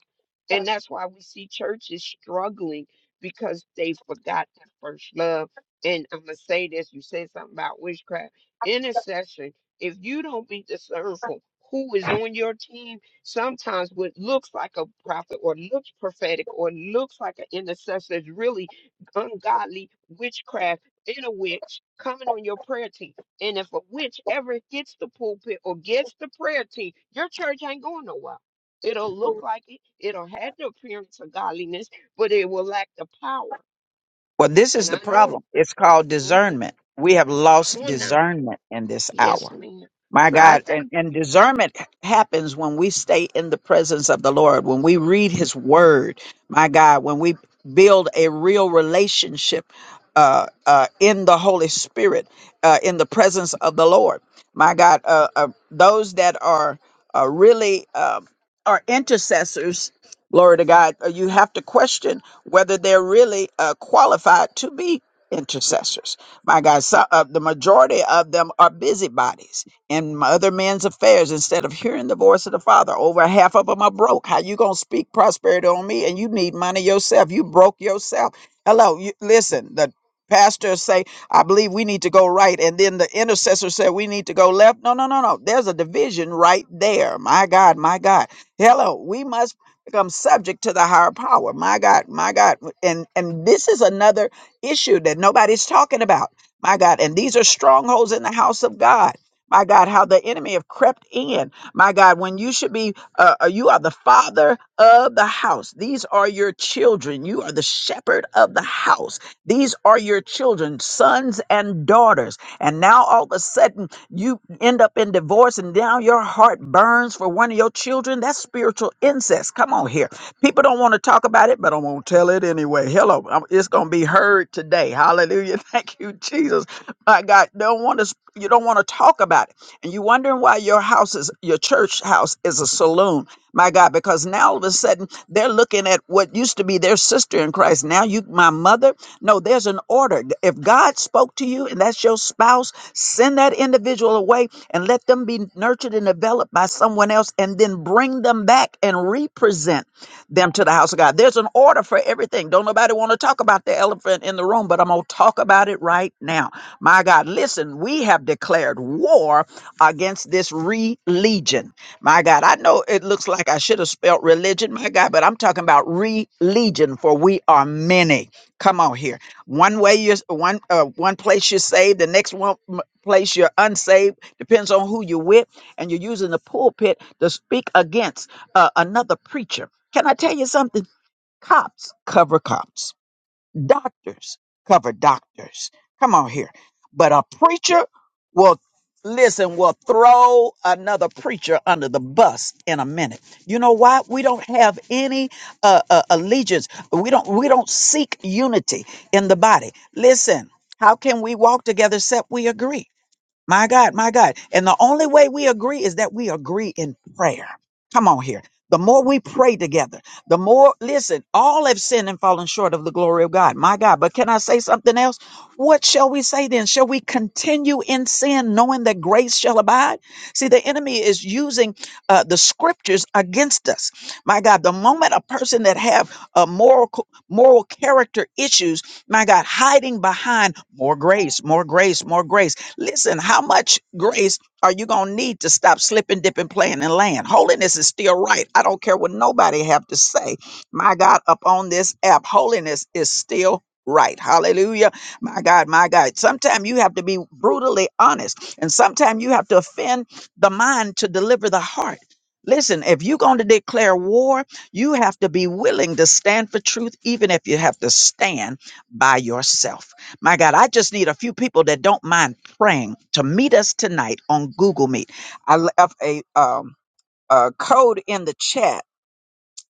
S4: and that's why we see churches struggling because they forgot that first love. And I'm gonna say this: you said something about witchcraft intercession. If you don't be discernful, who is on your team? Sometimes what looks like a prophet or looks prophetic or looks like an intercessor is really ungodly witchcraft in a witch coming on your prayer team and if a witch ever gets the pulpit or gets the prayer team, your church ain't going nowhere. It'll look like it, it'll have the appearance of godliness, but it will lack the power.
S1: Well, this is
S4: And
S1: the
S4: I know.
S1: problem. It's called
S4: hmm
S1: discernment. We have
S4: Come
S1: lost
S4: on now.
S1: discernment in this
S4: Yes,
S1: hour.
S4: ma'am.
S1: My
S4: So I
S1: God. And,
S4: thank
S1: and
S4: you.
S1: discernment happens when we stay in the presence of the Lord, when we read his word. My God, when we build a real relationship uh, uh, in the Holy Spirit, uh, in the presence of the Lord. My God, uh, uh, those that are uh, really um are intercessors, glory to God, uh, you have to question whether they're really uh, qualified to be intercessors my God, so, uh, the majority of them are busybodies in other men's affairs instead of hearing the voice of the Father. Over half of them are broke. How you gonna speak prosperity on me and you need money yourself? You broke yourself. Hello, you, listen. The pastors say, "I believe we need to go right," and then the intercessor said, "We need to go left." No, no, no, no. There's a division right there. My God, my God. Hello, we must become subject to the higher power. My God, my God. And and this is another issue that nobody's talking about my God. And these are strongholds in the house of God. My God, how the enemy have crept in. My God, when you should be, uh, uh, you are the father of the house. These are your children. You are the shepherd of the house. These are your children, sons and daughters. And now all of a sudden you end up in divorce and now your heart burns for one of your children. That's spiritual incest. Come on here. People don't want to talk about it, but I'm going to tell it anyway. Hello, I'm- it's going to be heard today. Hallelujah. Thank you, Jesus. My God, don't want to, you don't want to talk about it. And you're wondering why your house is, your church house is a saloon. My God, because now all of a sudden they're looking at what used to be their sister in Christ. Now you, my mother. No, there's an order. If God spoke to you and that's your spouse, send that individual away and let them be nurtured and developed by someone else and then bring them back and represent them to the house of God. There's an order for everything. Don't nobody want to talk about the elephant in the room, but I'm going to talk about it right now. My God, listen, we have declared war against this religion. My God, I know it looks like I should have spelled religion, my God, but I'm talking about religion for we are many. Come on here. One way you're one uh, one place you're saved, the next one m- place you're unsaved depends on who you're with and you're using the pulpit to speak against uh, another preacher can I tell you something? Cops cover cops. Doctors cover doctors. Come on here. But a preacher will listen, will throw another preacher under the bus in a minute. You know why? We don't have any uh, uh, allegiance. We don't we don't seek unity in the body. Listen, how can we walk together except we agree? My God, my God. And the only way we agree is that we agree in prayer. Come on here. The more we pray together, the more, listen, all have sinned and fallen short of the glory of God. My God. But can I say something else? What shall we say then? Shall we continue in sin knowing that grace shall abide? See, the enemy is using uh, the scriptures against us. My God, the moment a person that have a moral, moral character issues, my God, hiding behind more grace, more grace, more grace. Listen, how much grace are you going to need to stop slipping, dipping, playing, and land? Holiness is still right. I don't care what nobody have to say. My God, up on this app, holiness is still right. Hallelujah. My God, my God. Sometimes you have to be brutally honest, and sometimes you have to offend the mind to deliver the heart. Listen, if you're going to declare war, you have to be willing to stand for truth, even if you have to stand by yourself. My God, I just need a few people that don't mind praying to meet us tonight on Google Meet. I left a, um, a code in the chat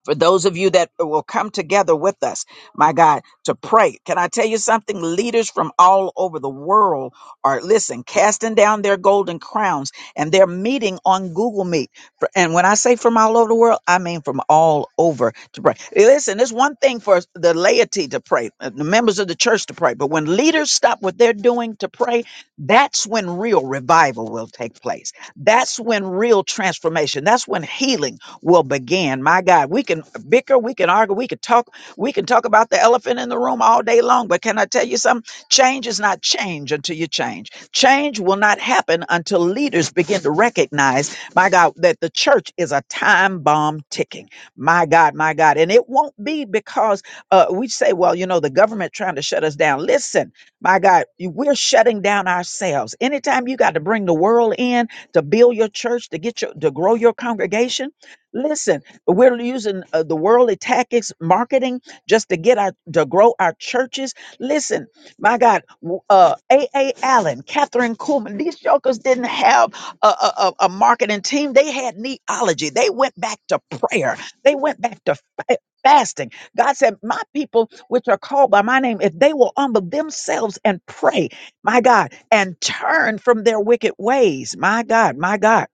S1: for those of you that will come together with us, my God, to pray. Can I tell you something? Leaders from all over the world are, listen, casting down their golden crowns and they're meeting on Google Meet. For- And when I say from all over the world, I mean from all over to pray. Listen, it's one thing for the laity to pray, uh, the members of the church to pray, but when leaders stop what they're doing to pray, that's when real revival will take place. That's when real transformation, that's when healing will begin. My God, we can bicker, we can argue, we can talk, we can talk about the elephant in the room all day long. But can I tell you something? Change is not change until you change. Change will not happen until leaders begin to recognize, my God, that the church is a time bomb ticking. My God, my God. And it won't be because uh, we say, well, you know, the government trying to shut us down. Listen, my God, you- we're shutting down ourselves. Anytime you got to bring the world in to build your church, to get your to grow your congregation Listen, we're using uh, the worldly tactics, marketing, just to get our to grow our churches. Listen, my God, w- uh, A. A. Allen, Catherine Kuhlman, these jokers didn't have a, a, a a marketing team. They had neology. They went back to prayer. They went back to. fa- Fasting. God said, My people, which are called by my name, if they will humble themselves and pray, my God, and turn from their wicked ways, my God, my God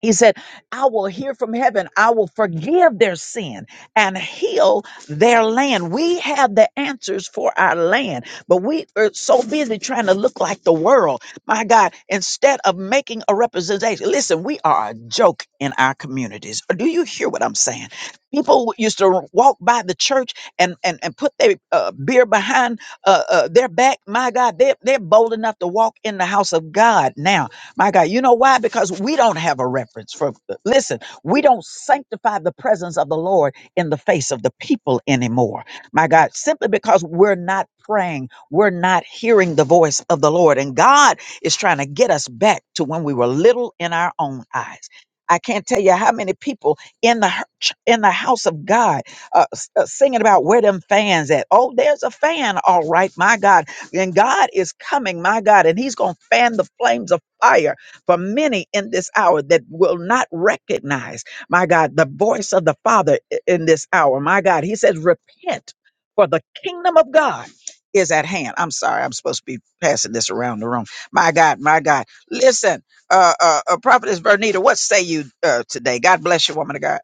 S1: he said, I will hear from heaven. I will forgive their sin and heal their land. We have the answers for our land, but we are so busy trying to look like the world. My God, instead of making a representation, listen, we are a joke in our communities. Do you hear what I'm saying? People used to walk by the church and, and, and put their uh, beer behind uh, uh, their back. My God, they're, they're bold enough to walk in the house of God now my God, you know why? Because we don't have a reference for, listen, we don't sanctify the presence of the Lord in the face of the people anymore. My God, simply because we're not praying, we're not hearing the voice of the Lord. And God is trying to get us back to when we were little in our own eyes. I can't tell you how many people in the hu- in the house of God uh, s- uh, singing about where them fans at. Oh, there's a fan, all right, my God. And God is coming, my God, and He's gonna fan the flames of fire for many in this hour that will not recognize, my God, the voice of the Father i- in this hour. My God, He says, repent, for the kingdom of God is at hand. I'm sorry, I'm supposed to be passing this around the room. My God, my God. Listen, uh, uh, uh Prophetess Vernita, what say you uh, today? God bless you, woman of God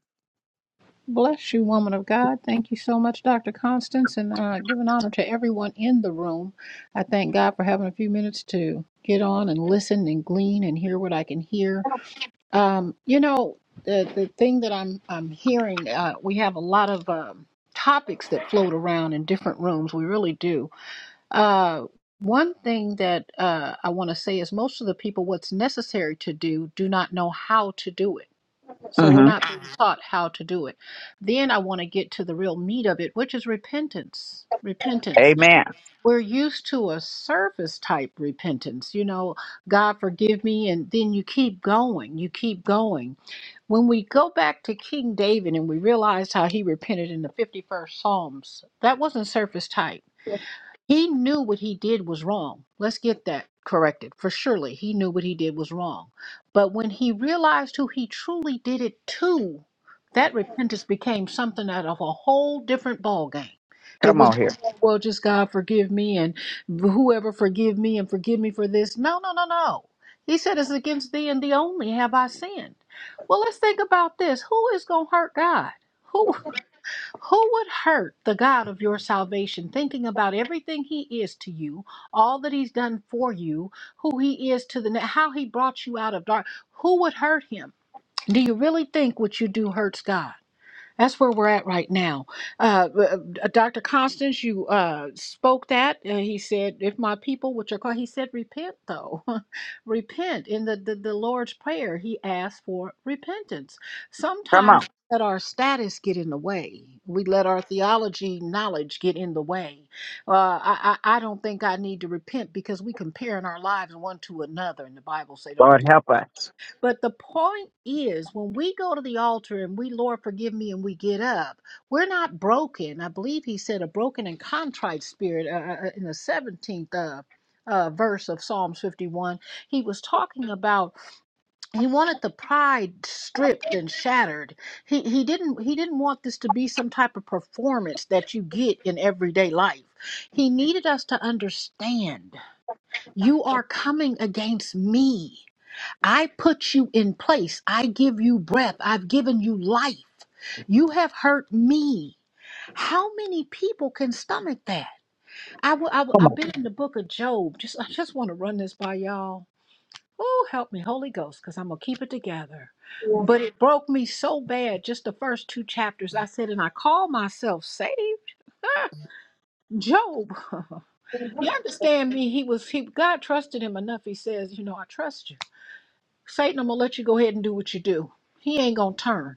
S5: Bless you, woman of God. Thank you so much, Dr. Constance, and uh, giving honor to everyone in the room. I thank God for having a few minutes to get on and listen and glean and hear what I can hear. Um, you know, the the thing that I'm I'm hearing, uh, we have a lot of um, topics that float around in different rooms. We really do. Uh, one thing that uh, I want to say is most of the people, what's necessary to do, do not know how to do it so we're
S1: hmm
S5: not being taught how to do it. Then I want to get to the real meat of it, which is repentance. Repentance.
S1: Amen.
S5: We're used to a surface type repentance, you know, God forgive me, and then you keep going, you keep going. When we go back to King David and we realize how he repented in the 51st Psalms, that wasn't surface type he knew what he did was wrong. Let's get that corrected. For surely he knew what he did was wrong. But when he realized who he truly did it to, that repentance became something out of a whole different ballgame. It
S1: Come
S5: was
S1: on
S5: no
S1: here.
S5: more, well, just God forgive me and whoever forgive me and forgive me for this. No, no, no, no. He said, It's against thee and thee only have I sinned. Well, let's think about this. Who is going to hurt God? Who? Who would hurt the God of your salvation, thinking about everything He is to you, all that He's done for you, who He is to the, how He brought you out of dark? Who would hurt Him? Do you really think what you do hurts God? That's where we're at right now. Uh, uh, Dr. Constance, you uh, spoke that. Uh, he said, If my people, which are called, he said, repent though. repent. In the, the, the Lord's Prayer, he asked for repentance.
S1: Come
S5: Sometimes
S1: on.
S5: we let our status get in the way, we let our theology knowledge get in the way. Uh, I, I, I don't think I need to repent because we comparing our lives one to another, and the Bible say don't
S1: Lord,
S5: do
S1: help us.
S5: but the point is, when we go to the altar and we, Lord, forgive me, and we get up, we're not broken. I believe he said a broken and contrite spirit uh, uh, uh, in the 17th uh, uh, verse of Psalms 51. He was talking about he wanted the pride stripped and shattered. He he didn't he didn't want this to be some type of performance that you get in everyday life. He needed us to understand you are coming against me. I put you in place. I give you breath. I've given you life. You have hurt me. How many people can stomach that? I w- I
S1: Come
S5: have
S1: on.
S5: been in the book of Job. Just, I just want to run this by y'all. Oh, help me, Holy Ghost, because I'm going to keep it together. But it broke me so bad, just the first two chapters. I said, and I call myself saved. Ah, Job, you understand me? He was, he, God trusted him enough. He says, you know, I trust you. Satan, I'm gonna let you go ahead and do what you do. He ain't gonna turn.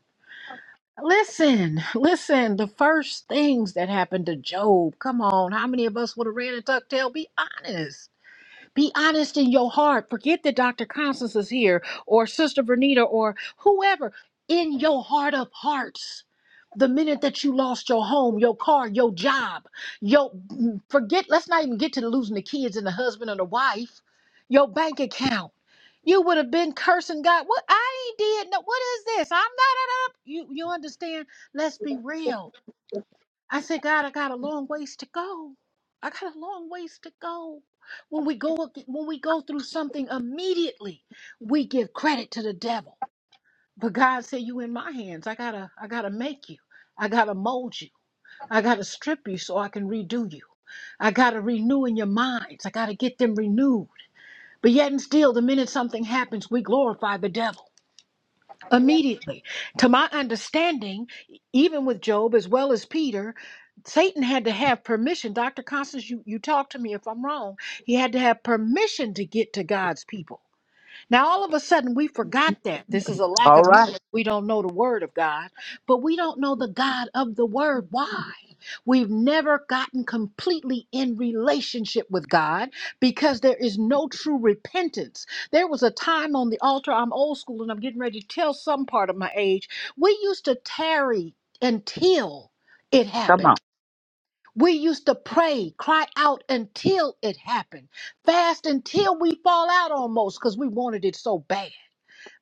S5: Listen, listen, the first things that happened to Job, come on, how many of us would have ran a ducktail? Be honest. Be honest in your heart. Forget that Dr. Constance is here or Sister Vernita or whoever. In your heart of hearts, the minute that you lost your home, your car, your job, your forget, let's not even get to losing the kids and the husband and the wife, your bank account. You would have been cursing God. What I ain't did no what is this? I'm not up. you you understand? Let's be real I said, God, I got a long ways to go. I got a long ways to go. When we go when we go through something immediately, we give credit to the devil. But God said, You in my hands. I gotta I gotta make you. I gotta mold you. I gotta strip you so I can redo you. I gotta renew in your minds. I gotta get them renewed. But yet and still, the minute something happens, we glorify the devil immediately. To my understanding, even with Job as well as Peter, Satan had to have permission. Dr. Constance, you, you talk to me if I'm wrong. He had to have permission to get to God's people. Now, all of a sudden, we forgot that. This is a lack
S1: All
S5: of
S1: right.
S5: knowledge. We don't know the word of God, but we don't know the God of the word. Why? We've never gotten completely in relationship with God because there is no true repentance. There was a time on the altar, I'm old school and I'm getting ready to tell some part of my age. We used to tarry until it
S1: Come
S5: happened.
S1: on.
S5: We used to pray, cry out until it happened, fast until we fall out almost because we wanted it so bad.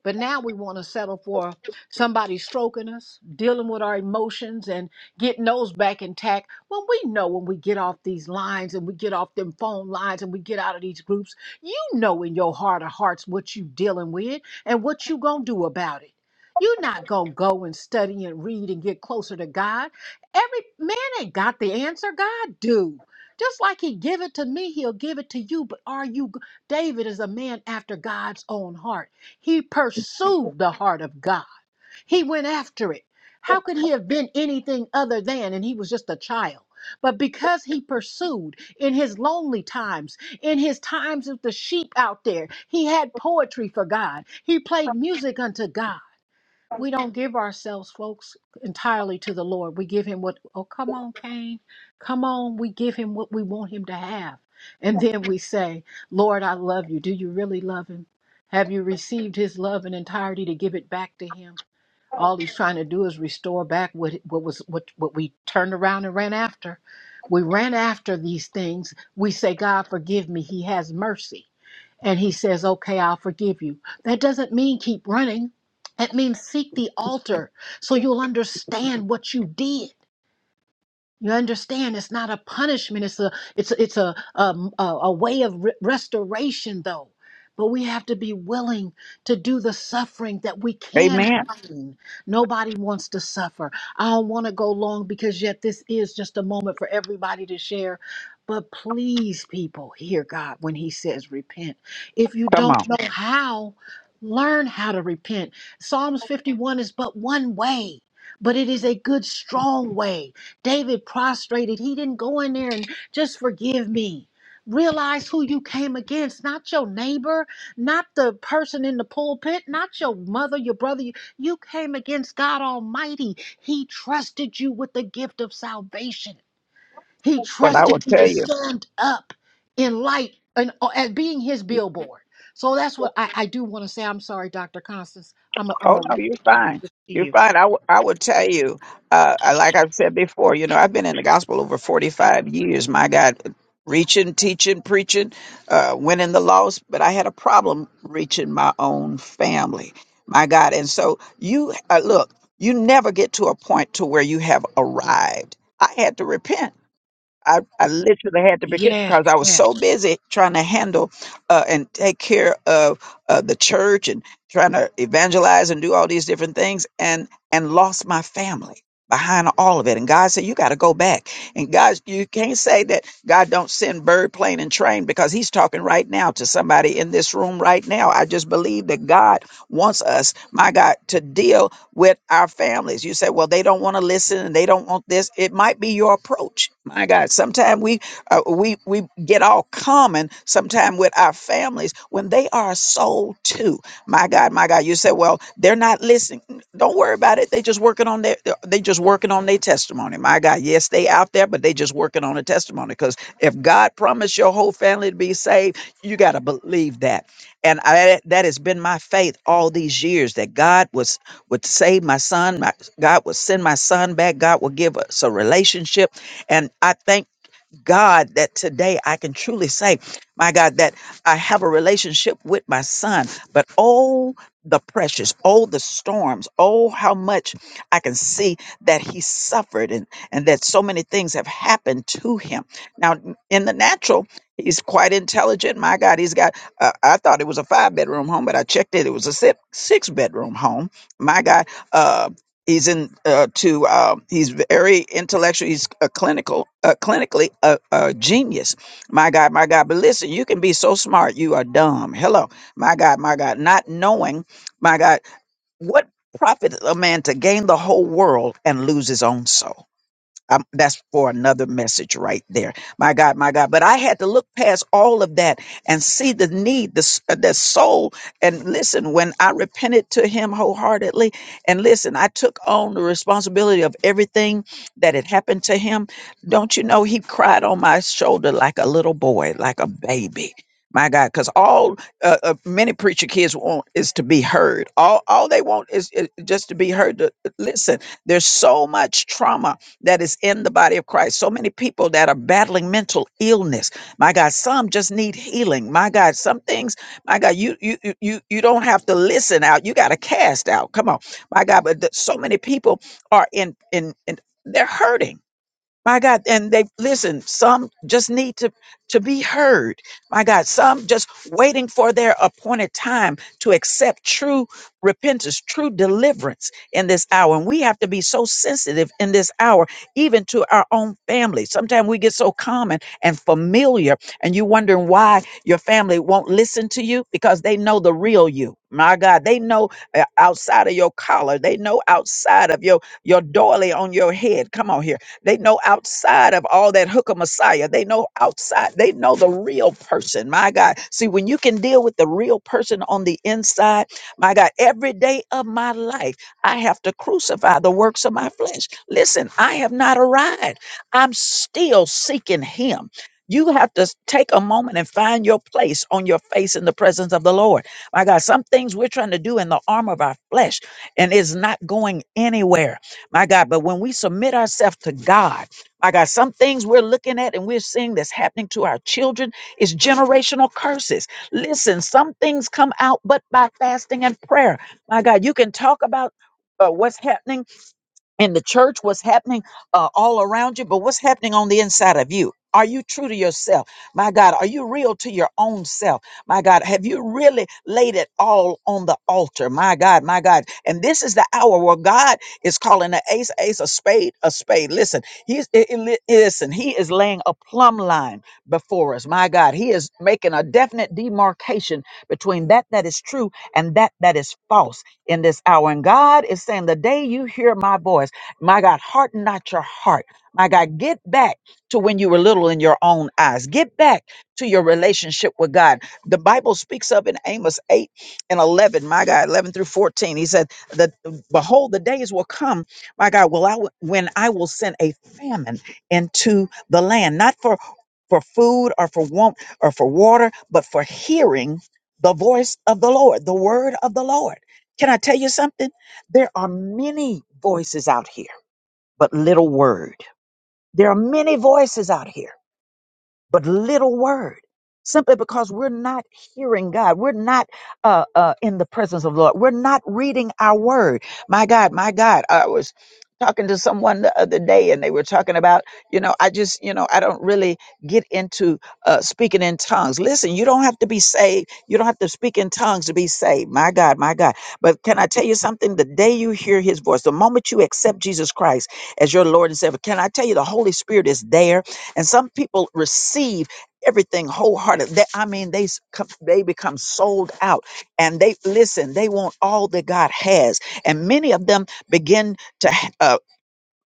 S5: But now we want to settle for somebody stroking us, dealing with our emotions, and getting those back intact. When we know when we get off these lines and we get off them phone lines and we get out of these groups, you know in your heart of hearts what you dealing with and what you gonna do about it. You're not gonna go and study and read and get closer to God. Every man ain't got the answer. God do. Just like he give it to me, he'll give it to you. But are you, David is a man after God's own heart. He pursued the heart of God. He went after it. How could he have been anything other than, and he was just a child? But because he pursued in his lonely times, in his times with the sheep out there, he had poetry for God. He played music unto God we don't give ourselves, folks, entirely to the Lord. We give Him what, oh, come on, Cain. Come on. We give Him what we want Him to have. And then we say, Lord, I love you. Do you really love Him? Have you received His love in entirety to give it back to Him? All He's trying to do is restore back what, what was what, what we turned around and ran after. We ran after these things. We say, God, forgive me. He has mercy and he says, Okay, I'll forgive you. That doesn't mean keep running. It means seek the altar so you'll understand what you did. You understand? It's not a punishment. It's a it's it's a um, a, a way of re- restoration, though. But we have to be willing to do the suffering that we can
S1: Amen.
S5: gain. Nobody wants to suffer. I don't want to go long because yet this is just a moment for everybody to share. But please, people, hear God when He says repent. If you
S1: Come on.
S5: don't know how, learn how to repent. Psalms 51 is but one way, but it is a good, strong way. David prostrated. He didn't go in there and just forgive me. Realize who you came against, not your neighbor, not the person in the pulpit, not your mother, your brother. You you came against God Almighty. He trusted you with the gift of salvation. He
S1: But I will
S5: trusted you
S1: tell
S5: to
S1: you.
S5: stand up in light and uh, as being his billboard. So that's what I, I do want to say. I'm sorry, Dr. Constance. I'm a, I'm
S1: Oh
S5: a
S1: no,
S5: leave
S1: you're
S5: it on and
S1: fine.
S5: give it to
S1: You're
S5: you.
S1: fine. I would. I will tell you. Uh, I- like I've said before, you know, I've been in the gospel over 45 years. My God, reaching, teaching, preaching, uh, winning the lost. But I had a problem reaching my own family. My God. And so you uh, look, you never get to a point to where you have arrived. I had to repent. I, I literally had to be careful
S5: Yes,
S1: because I was
S5: yes.
S1: so busy trying to handle uh, and take care of uh, the church and trying to evangelize and do all these different things and and lost my family behind all of it. And God said, you got to go back. And God, you can't say that God don't send bird, plane and train because he's talking right now to somebody in this room right now. I just believe that God wants us, my God, to deal with our families. You say, well, they don't want to listen and they don't want this. It might be your approach. My God, sometimes we uh, we we get all common sometimes with our families when they are sold too. My God, my God, you say, well, they're not listening. Don't worry about it. They just working on their uh, they just working on their testimony. My God, yes, they out there, but they just working on a testimony because if God promised your whole family to be saved, you got to believe that. And I, that has been my faith all these years that God was would save my son. My, God would send my son back. God would give us a relationship. And I thank God, that today I can truly say, my God, that I have a relationship with my son. But oh, the precious, oh, the storms, oh, how much I can see that he suffered and, and that so many things have happened to him. Now, in the natural, he's quite intelligent. My God, he's got, uh, I thought it was a five bedroom home, but I checked it. It was a six, six bedroom home. My God. uh, He's in uh, to um, he's very intellectual. He's a clinical, uh, clinically a, a genius. My God, my God. But listen, you can be so smart, you are dumb. Hello, my God, my God. Not knowing, my God, what profit a man to gain the whole world and lose his own soul. Um, that's for another message right there. My God, my God. But I had to look past all of that and see the need, the, s- uh, the soul. And listen, when I repented to him wholeheartedly, and listen, I took on the responsibility of everything that had happened to him. Don't you know, he cried on my shoulder like a little boy, like a baby. My God, because all uh, uh, many preacher kids want is to be heard. All all they want is, is just to be heard. To, listen, there's so much trauma that is in the body of Christ. So many people that are battling mental illness. My God, some just need healing. My God, some things, my God, you you you you you don't have to listen out. You got to cast out. Come on. My God, but th- so many people are in in, in they're hurting my God, and they listen, some just need to, to be heard. My God, some just waiting for their appointed time to accept true repentance, true deliverance in this hour. And we have to be so sensitive in this hour, even to our own family. Sometimes we get so common and familiar, and you wondering why your family won't listen to you because they know the real you. My God, they know uh, outside of your collar, they know outside of your, your doily on your head. Come on here they know outside of all that hookah messiah. They know outside. They know the real person. My God. See, when you can deal with the real person on the inside, my God, every day of my life, I have to crucify the works of my flesh. Listen, I have not arrived. I'm still seeking him. You have to take a moment and find your place on your face in the presence of the Lord. My God, some things we're trying to do in the arm of our flesh and it's not going anywhere my God. But when we submit ourselves to God, my God, some things we're looking at and we're seeing that's happening to our children is generational curses. Listen, some things come out but by fasting and prayer. My God, you can talk about uh, what's happening in the church, what's happening uh, all around you, but what's happening on the inside of you. Are you true to yourself? My God, are you real to your own self? My God, have you really laid it all on the altar? My God, my God. And this is the hour where God is calling an ace, ace, a spade, a spade. Listen, he's, i- i- li- listen, he is laying a plumb line before us. My God, he is making a definite demarcation between that that is true and that that is false in this hour. And God is saying, the day you hear my voice, my God, harden not your heart. My God, get back to when you were little in your own eyes. Get back to your relationship with God. The Bible speaks of in Amos 8 and 11, my God, 11 through 14. He said, that, Behold, the days will come, my God, will I, w- when I will send a famine into the land, not for for food or for want or for water, but for hearing the voice of the Lord, the word of the Lord. Can I tell you something? There are many voices out here but little word. There are many voices out here but little word simply because we're not hearing God. We're not uh, uh, in the presence of the Lord. We're not reading our word. My God, my God, I was talking to someone the other day and they were talking about, you know, I just, you know, I don't really get into uh, speaking in tongues. Listen, you don't have to be saved. You don't have to speak in tongues to be saved. My God, my God. But can I tell you something? The day you hear his voice, the moment you accept Jesus Christ as your Lord and Savior, can I tell you the Holy Spirit is there? And some people receive everything wholehearted. They, I mean, they s- com- they become sold out, and they listen. They want all that God has, and many of them begin to. h- uh,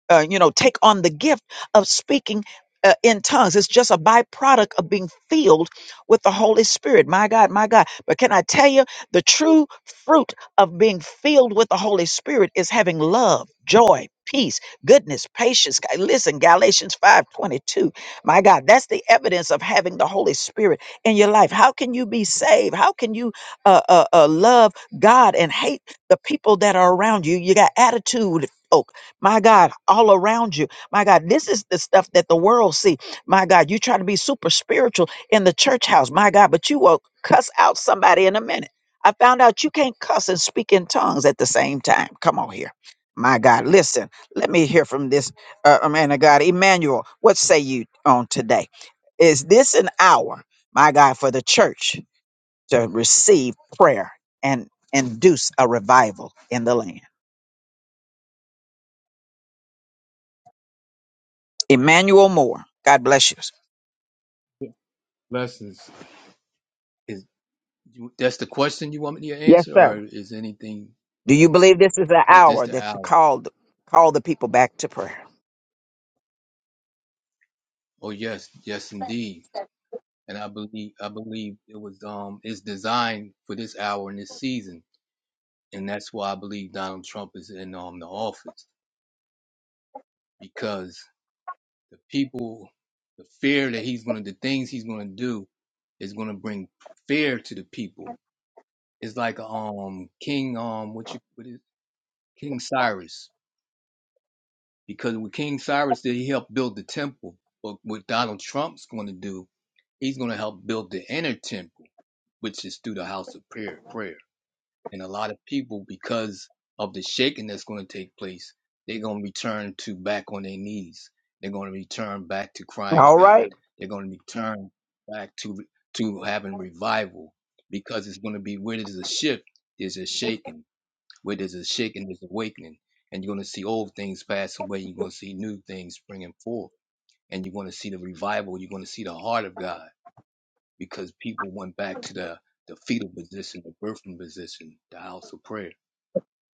S1: uh, you know, take on the gift of speaking uh, in tongues. It's just a byproduct of being filled with the Holy Spirit. My God, my God. But can I tell you, the true fruit of being filled with the Holy Spirit is having love, joy, peace, goodness, patience. Ga- Listen, Galatians 5:22. My God, that's the evidence of having the Holy Spirit in your life. How can you be saved? How can you uh, uh, uh, love God and hate the people that are around you? You got attitude. oh, my God, all around you. My God, this is the stuff that the world see. My God, you try to be super spiritual in the church house. My God, but you will cuss out somebody in a minute. I found out you can't cuss and speak in tongues at the same time. Come on here. My God, listen, let me hear from this uh, uh, man of God. Emmanuel, what say you on today? Is this an hour, my God, for the church to receive prayer and induce a revival in the land? Emmanuel Moore, God bless you.
S6: Blessings. Is you- that's the question you want me to
S1: Yes,
S6: answer,
S1: sir.
S6: or is anything?
S1: Do you believe this is an
S6: Is this
S1: hour
S6: the
S1: that to
S6: hour?
S1: call call the people back to prayer?
S6: Oh yes, yes indeed. And I believe I believe it was um it's designed for this hour and this season, and that's why I believe Donald Trump is in um the office because the people, the fear that he's gonna, the things he's gonna do, is gonna bring fear to the people. It's like um King um what you what is King Cyrus Because with King Cyrus did he help build the temple, but what Donald Trump's going to do, he's going to help build the inner temple, which is through the house of prayer. Prayer, and a lot of people, because of the shaking that's going to take place, they're going to return to back on their knees. They're going to return back to crying to
S1: All right.
S6: God. They're going to return back to to having revival because it's going to be where there's a shift, there's a shaking where there's a shaking, there's awakening, and you're going to see old things pass away. You're going to see new things springing forth, and you're going to see the revival. You're going to see the heart of God because people went back to the the fetal position, the birthing position, the house of prayer.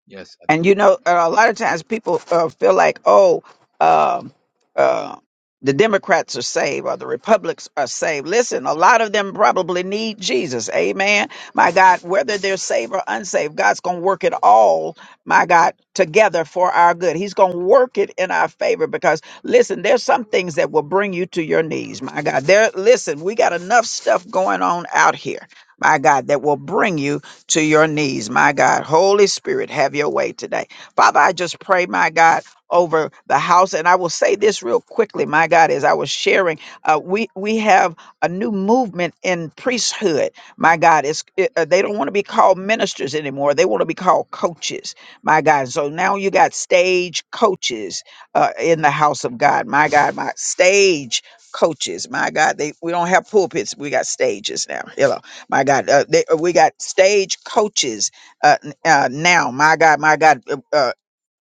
S6: Yes, I do.
S1: And you know, uh, a lot of times people uh, feel like, oh, um, uh, the Democrats are saved or the Republicans are saved. Listen, a lot of them probably need Jesus. Amen. My God, whether they're saved or unsaved, God's going to work it all, my God, together for our good. He's going to work it in our favor because, listen, there's some things that will bring you to your knees, my God. There, listen, we got enough stuff going on out here, my God, that will bring you to your knees, my God. Holy Spirit, have your way today. Father, I just pray, my God, over the house. And I will say this real quickly, my God, as I was sharing, uh, we, we have a new movement in priesthood, my God. It's, it, uh, they don't want to be called ministers anymore. They want to be called coaches, my God. So now you got stage coaches uh, in the house of God, my God, my stage coaches, my God. They, we don't have pulpits, we got stages now. Hello my God, uh, they, uh, we got stage coaches uh, n- uh, now. My God, my God, uh, uh,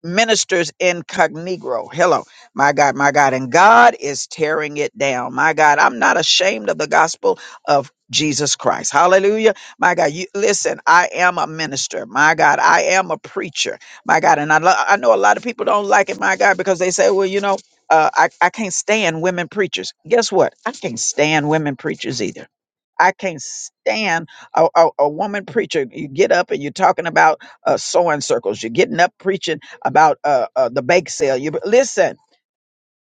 S1: ministers incognito. Hello, my God, my God, and God is tearing it down. My God, I'm not ashamed of the gospel of Jesus Christ. Hallelujah. My God, you listen, I am a minister. My God, I am a preacher. My God, and I, lo- I know a lot of people don't like it, my God, because they say, well, you know, uh, I, I can't stand women preachers. Guess what? I can't stand women preachers either. I can't stand a, a, a woman preacher. You get up and you're talking about uh, sewing circles. You're getting up preaching about uh, uh, the bake sale. You listen.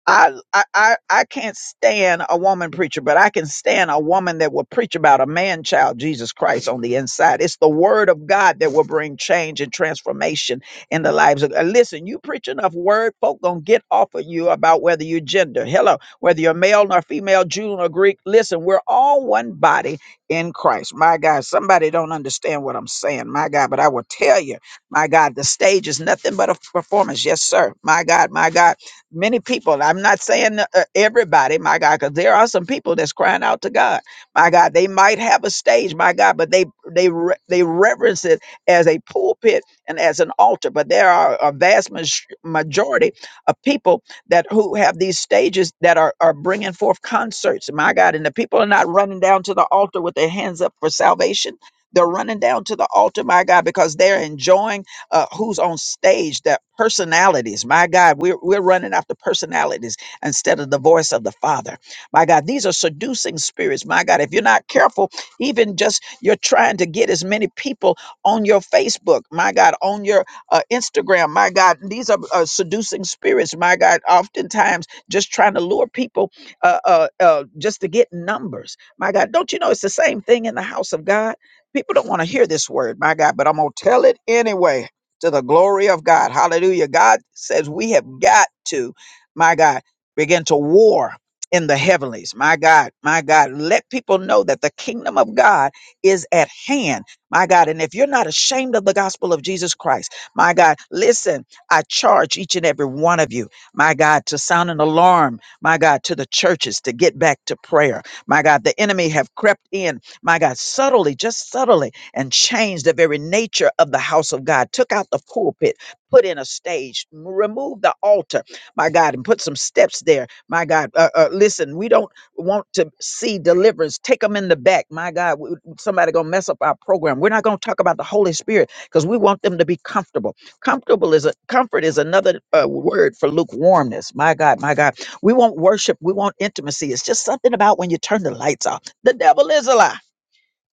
S1: I, I I I can't stand a woman preacher, but I can stand a woman that will preach about a man child, Jesus Christ, on the inside. It's the word of God that will bring change and transformation in the lives of. uh, Listen, you preach enough word, folk gonna get off of you about whether you're gender, hello, whether you're male nor female, Jew nor Greek. Listen, we're all one body in Christ. My God, somebody don't understand what I'm saying, my God, but I will tell you, my God, the stage is nothing but a performance. Yes, sir. My God, my God many people. I'm not saying uh, everybody, my God, because there are some people that's crying out to God, my God. They might have a stage, my God, but they they re- they reverence it as a pulpit and as an altar. But there are a vast maj- majority of people that who have these stages that are are bringing forth concerts, my God, and the people are not running down to the altar with their hands up for salvation. They're running down to the altar, my God, because they're enjoying uh, who's on stage, that personalities. My God, we're, we're running after personalities instead of the voice of the Father. My God, these are seducing spirits. My God, if you're not careful, even just you're trying to get as many people on your Facebook, my God, on your uh, Instagram, my God, these are uh, seducing spirits. My God, oftentimes just trying to lure people uh, uh, uh, just to get numbers. My God, don't you know it's the same thing in the house of God? People don't want to hear this word, my God, but I'm going to tell it anyway to the glory of God. Hallelujah. God says we have got to, my God, begin to war in the heavenlies. My God, my God, let people know that the kingdom of God is at hand. My God, and if you're not ashamed of the gospel of Jesus Christ, my God, listen, I charge each and every one of you, my God, to sound an alarm, my God, to the churches to get back to prayer. My God, the enemy have crept in, my God, subtly, just subtly and changed the very nature of the house of God, took out the pulpit, put in a stage, m- removed the altar, my God, and put some steps there, my God. Uh, uh, listen, we don't want to see deliverance. Take them in the back, my God. w- w- Somebody gonna mess up our program. We're not gonna talk about the Holy Spirit because we want them to be comfortable. Comfortable is a comfort is another uh, word for lukewarmness. My God, my God. We want worship. We want intimacy. It's just something about when you turn the lights off. The devil is a lie.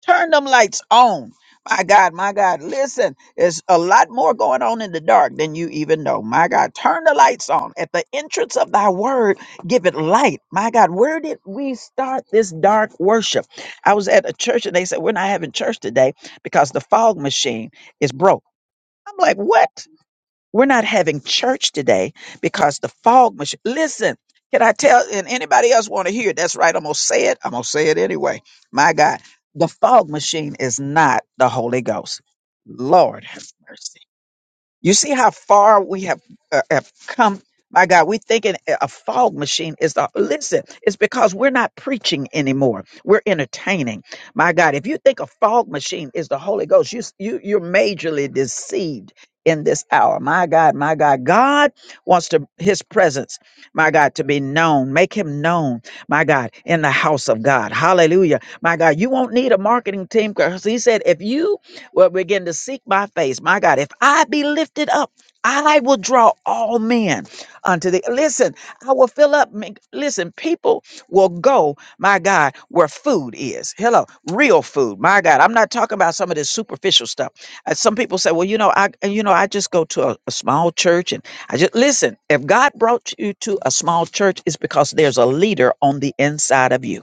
S1: Turn them lights on. My God, my God. Listen, there's a lot more going on in the dark than you even know. My God, turn the lights on. At the entrance of thy word, give it light. My God, where did we start this dark worship? I was at a church and they said, We're not having church today because the fog machine is broke. I'm like, What? We're not having church today because the fog machine. Listen, can I tell? And anybody else want to hear? it? That's right. I'm gonna say it. I'm gonna say it anyway. My God, the fog machine is not the Holy Ghost. Lord have mercy. You see how far we have uh, have come. My God, we thinking a a fog machine is the listen. It's because we're not preaching anymore. We're entertaining. My God, if you think a fog machine is the Holy Ghost, you s- you you're majorly deceived in this hour. My God, my God, God wants to His presence. My God, to be known. Make Him known. My God, in the house of God. Hallelujah. My God, you won't need a marketing team because He said if you well, begin to seek my face. My God, if I be lifted up, I will draw all men unto the. Listen, I will fill up. make- Listen, people will go, my God, where food is. Hello, real food. My God, I'm not talking about some of this superficial stuff. Uh, some people say, well, you know, I, uh, you know, I just go to a, a small church and I just listen. If God brought you to a small church, it's because there's a leader on the inside of you.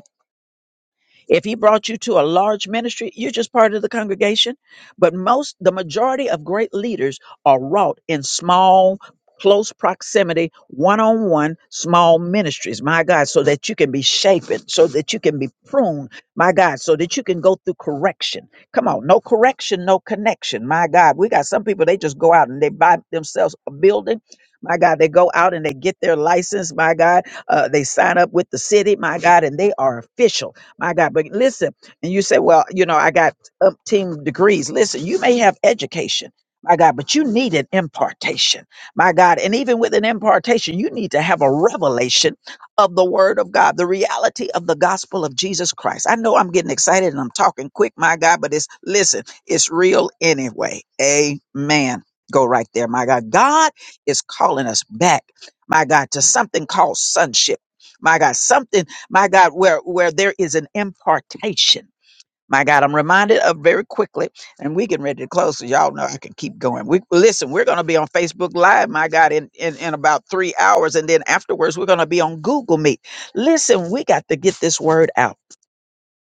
S1: If he brought you to a large ministry, you're just part of the congregation. But most, the majority of great leaders are wrought in small, close proximity, one on one, small ministries, my God, so that you can be shapen, so that you can be pruned, my God, so that you can go through correction. Come on, no correction, no connection, my God. We got some people, they just go out and they buy themselves a building. My God, they go out and they get their license. My God, uh, they sign up with the city. My God, and they are official. My God, but listen, and you say, well, you know, I got umpteen degrees. Listen, you may have education, my God, but you need an impartation, my God. And even with an impartation, you need to have a revelation of the word of God, the reality of the gospel of Jesus Christ. I know I'm getting excited and I'm talking quick, my God, but it's, listen, it's real anyway. Amen. Go right there, my God. God is calling us back, my God, to something called sonship. My God, something my God, where, where there is an impartation. My God, I'm reminded of very quickly, and we getting ready to close, so y'all know I can keep going. We listen, we're gonna be on Facebook Live, my God, in, in, in about three hours, and then afterwards we're gonna be on Google Meet. Listen, we got to get this word out.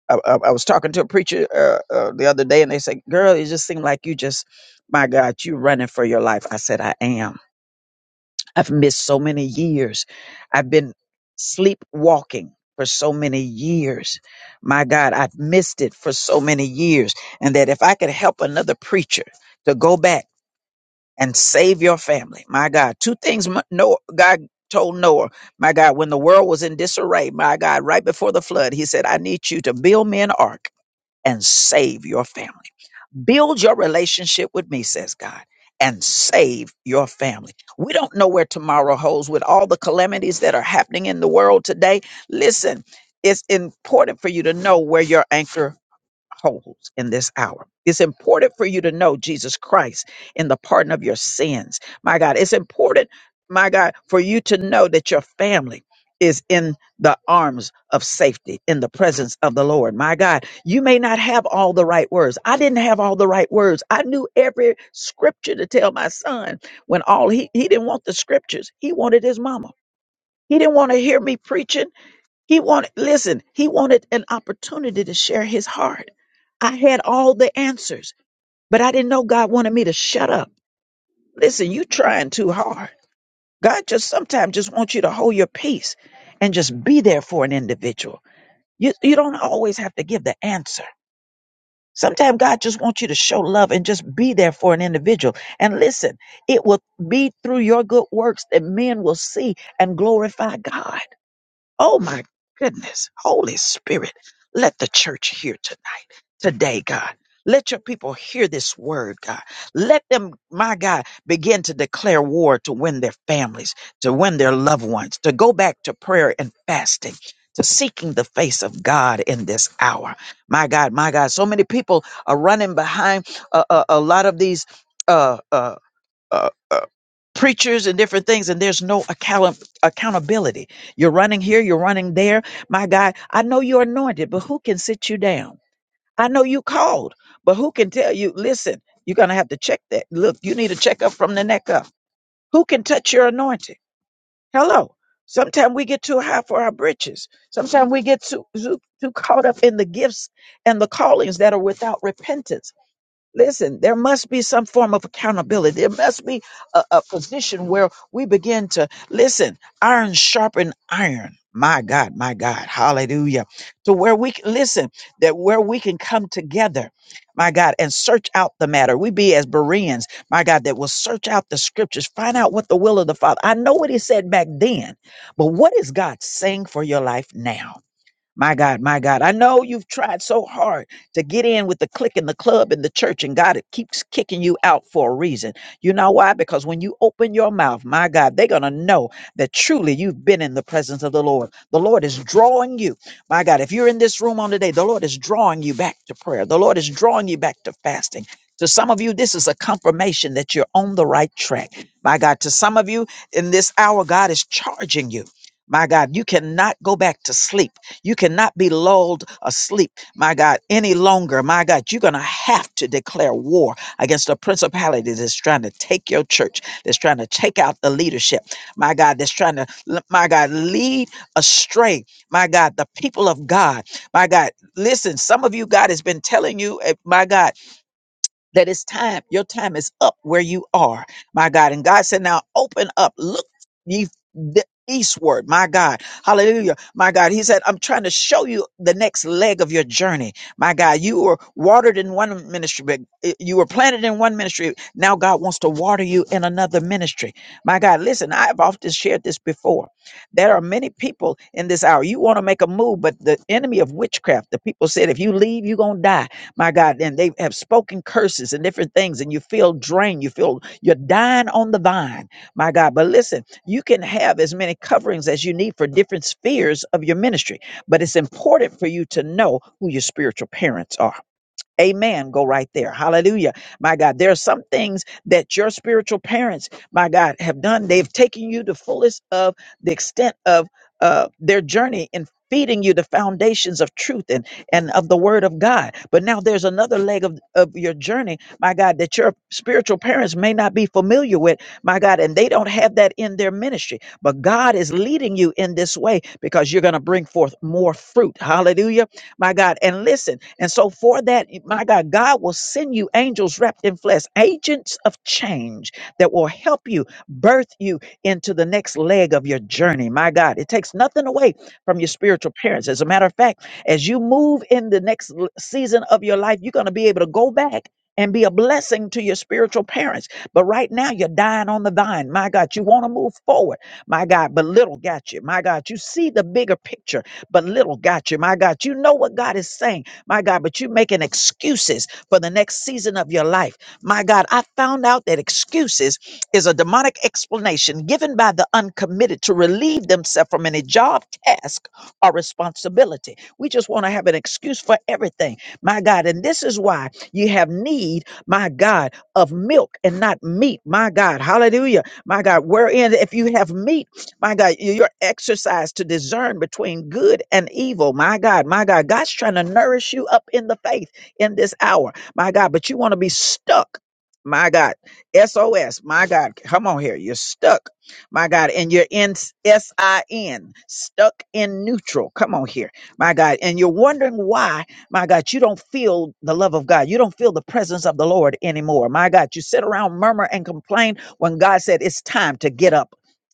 S1: I, I, I was talking to a preacher uh, uh, the other day, and they said, "Girl, it just seemed like you just, my God, you running for your life." I said, "I am." I've missed so many years. I've been sleepwalking for so many years. My God, I've missed it for so many years. And that if I could help another preacher to go back and save your family, my God, two things Mo- Noah, God told Noah, my God, when the world was in disarray, my God, right before the flood, he said, I need you to build me an ark and save your family. Build your relationship with me, says God, and save your family. We don't know where tomorrow holds with all the calamities that are happening in the world today. Listen, it's important for you to know where your anchor holds in this hour. It's important for you to know Jesus Christ and the pardon of your sins. My God, it's important, my God, for you to know that your family is in the arms of safety in the presence of the Lord. My God, you may not have all the right words. I didn't have all the right words. I knew every scripture to tell my son when all he he didn't want the scriptures. He wanted his mama. He didn't want to hear me preaching. He wanted, listen, he wanted an opportunity to share his heart. I had all the answers, but I didn't know God wanted me to shut up. Listen, you trying too hard. God just sometimes just wants you to hold your peace and just be there for an individual. You, you don't always have to give the answer. Sometimes God just wants you to show love and just be there for an individual. And listen, it will be through your good works that men will see and glorify God. Oh my goodness. Holy Spirit, let the church hear tonight, today, God. Let your people hear this word, God. Let them, my God, begin to declare war to win their families, to win their loved ones, to go back to prayer and fasting, to seeking the face of God in this hour. My God, my God, so many people are running behind a, a, a lot of these. uh, uh, uh, uh, preachers and different things, and there's no account- accountability. You're running here, you're running there. My God, I know you're anointed, but who can sit you down? I know you called, but who can tell you, listen, you're going to have to check that. Look, you need a checkup from the neck up. Who can touch your anointing? Hello. Sometimes we get too high for our britches. Sometimes we get too, too, too caught up in the gifts and the callings that are without repentance Listen, there must be some form of accountability. There must be a, a position where we begin to listen, iron sharpen iron. My God, my God, hallelujah. To where we can listen, that where we can come together, my God, and search out the matter. We be as Bereans, my God, that will search out the scriptures, find out what the will of the Father. I know what he said back then, but what is God saying for your life now? My God, my God. I know you've tried so hard to get in with the clique and the club and the church, and God it keeps kicking you out for a reason. You know why? Because when you open your mouth, my God, they're going to know that truly you've been in the presence of the Lord. The Lord is drawing you. My God, if you're in this room on today, the Lord is drawing you back to prayer. The Lord is drawing you back to fasting. To some of you, this is a confirmation that you're on the right track. My God, to some of you in this hour, God is charging you. My God, you cannot go back to sleep. You cannot be lulled asleep, my God, any longer. My God, you're going to have to declare war against the principality that's trying to take your church, that's trying to take out the leadership, my God, that's trying to, l- my God, lead astray, my God, the people of God, my God. Listen, some of you, God has been telling you, eh, my God that it's time. Your time is up where you are, my God. And God said, now open up, look ye the eastward, my God. Hallelujah, my God. He said, I'm trying to show you the next leg of your journey, my God. You were watered in one ministry, but eh, you were planted in one ministry. Now God wants to water you in another ministry, my God. Listen, I've often shared this before. There are many people in this hour. You want to make a move, but the enemy of witchcraft, the people said, if you leave, you're going to die my God, and they have spoken curses and different things, and you feel drained. You feel you're dying on the vine, my God. But listen, you can have as many coverings as you need for different spheres of your ministry, but it's important for you to know who your spiritual parents are. Amen. Go right there. Hallelujah. My God, there are some things that your spiritual parents, my God, have done. They've taken you to fullest of the extent of uh, their journey in feeding you the foundations of truth and, and of the word of God. But now there's another leg of, of your journey, my God, that your spiritual parents may not be familiar with, my God, and they don't have that in their ministry. But God is leading you in this way because you're going to bring forth more fruit. Hallelujah my God. And listen, and so for that, my God, God will send you angels wrapped in flesh, agents of change that will help you birth you into the next leg of your journey. My God, it takes nothing away from your spiritual parents. As a matter of fact, as you move in the next l- season of your life, you're going to be able to go back. And be a blessing to your spiritual parents. But right now, you're dying on the vine. My God, you want to move forward. My God, but little got you. My God, you see the bigger picture but little got you. My God, you know what God is saying, my God, but you're making excuses for the next season of your life. My God, I found out that excuses is a demonic explanation given by the uncommitted to relieve themselves from any job, task, or responsibility. We just want to have an excuse for everything, my God. And this is why you have need, my God, of milk and not meat, my God. Hallelujah, my God. Wherein, if you have meat, my God, you- you're to discern between good and evil. My God, my God, God's trying to nourish you up in the faith in this hour. My God, but you want to be stuck. My God, SOS. My God, come on here. You're stuck. My God, and you're in SIN, stuck in neutral. Come on here. My God, and you're wondering why, my God, you don't feel the love of God. You don't feel the presence of the Lord anymore. My God, you sit around, murmur, and complain when God said it's time to get up.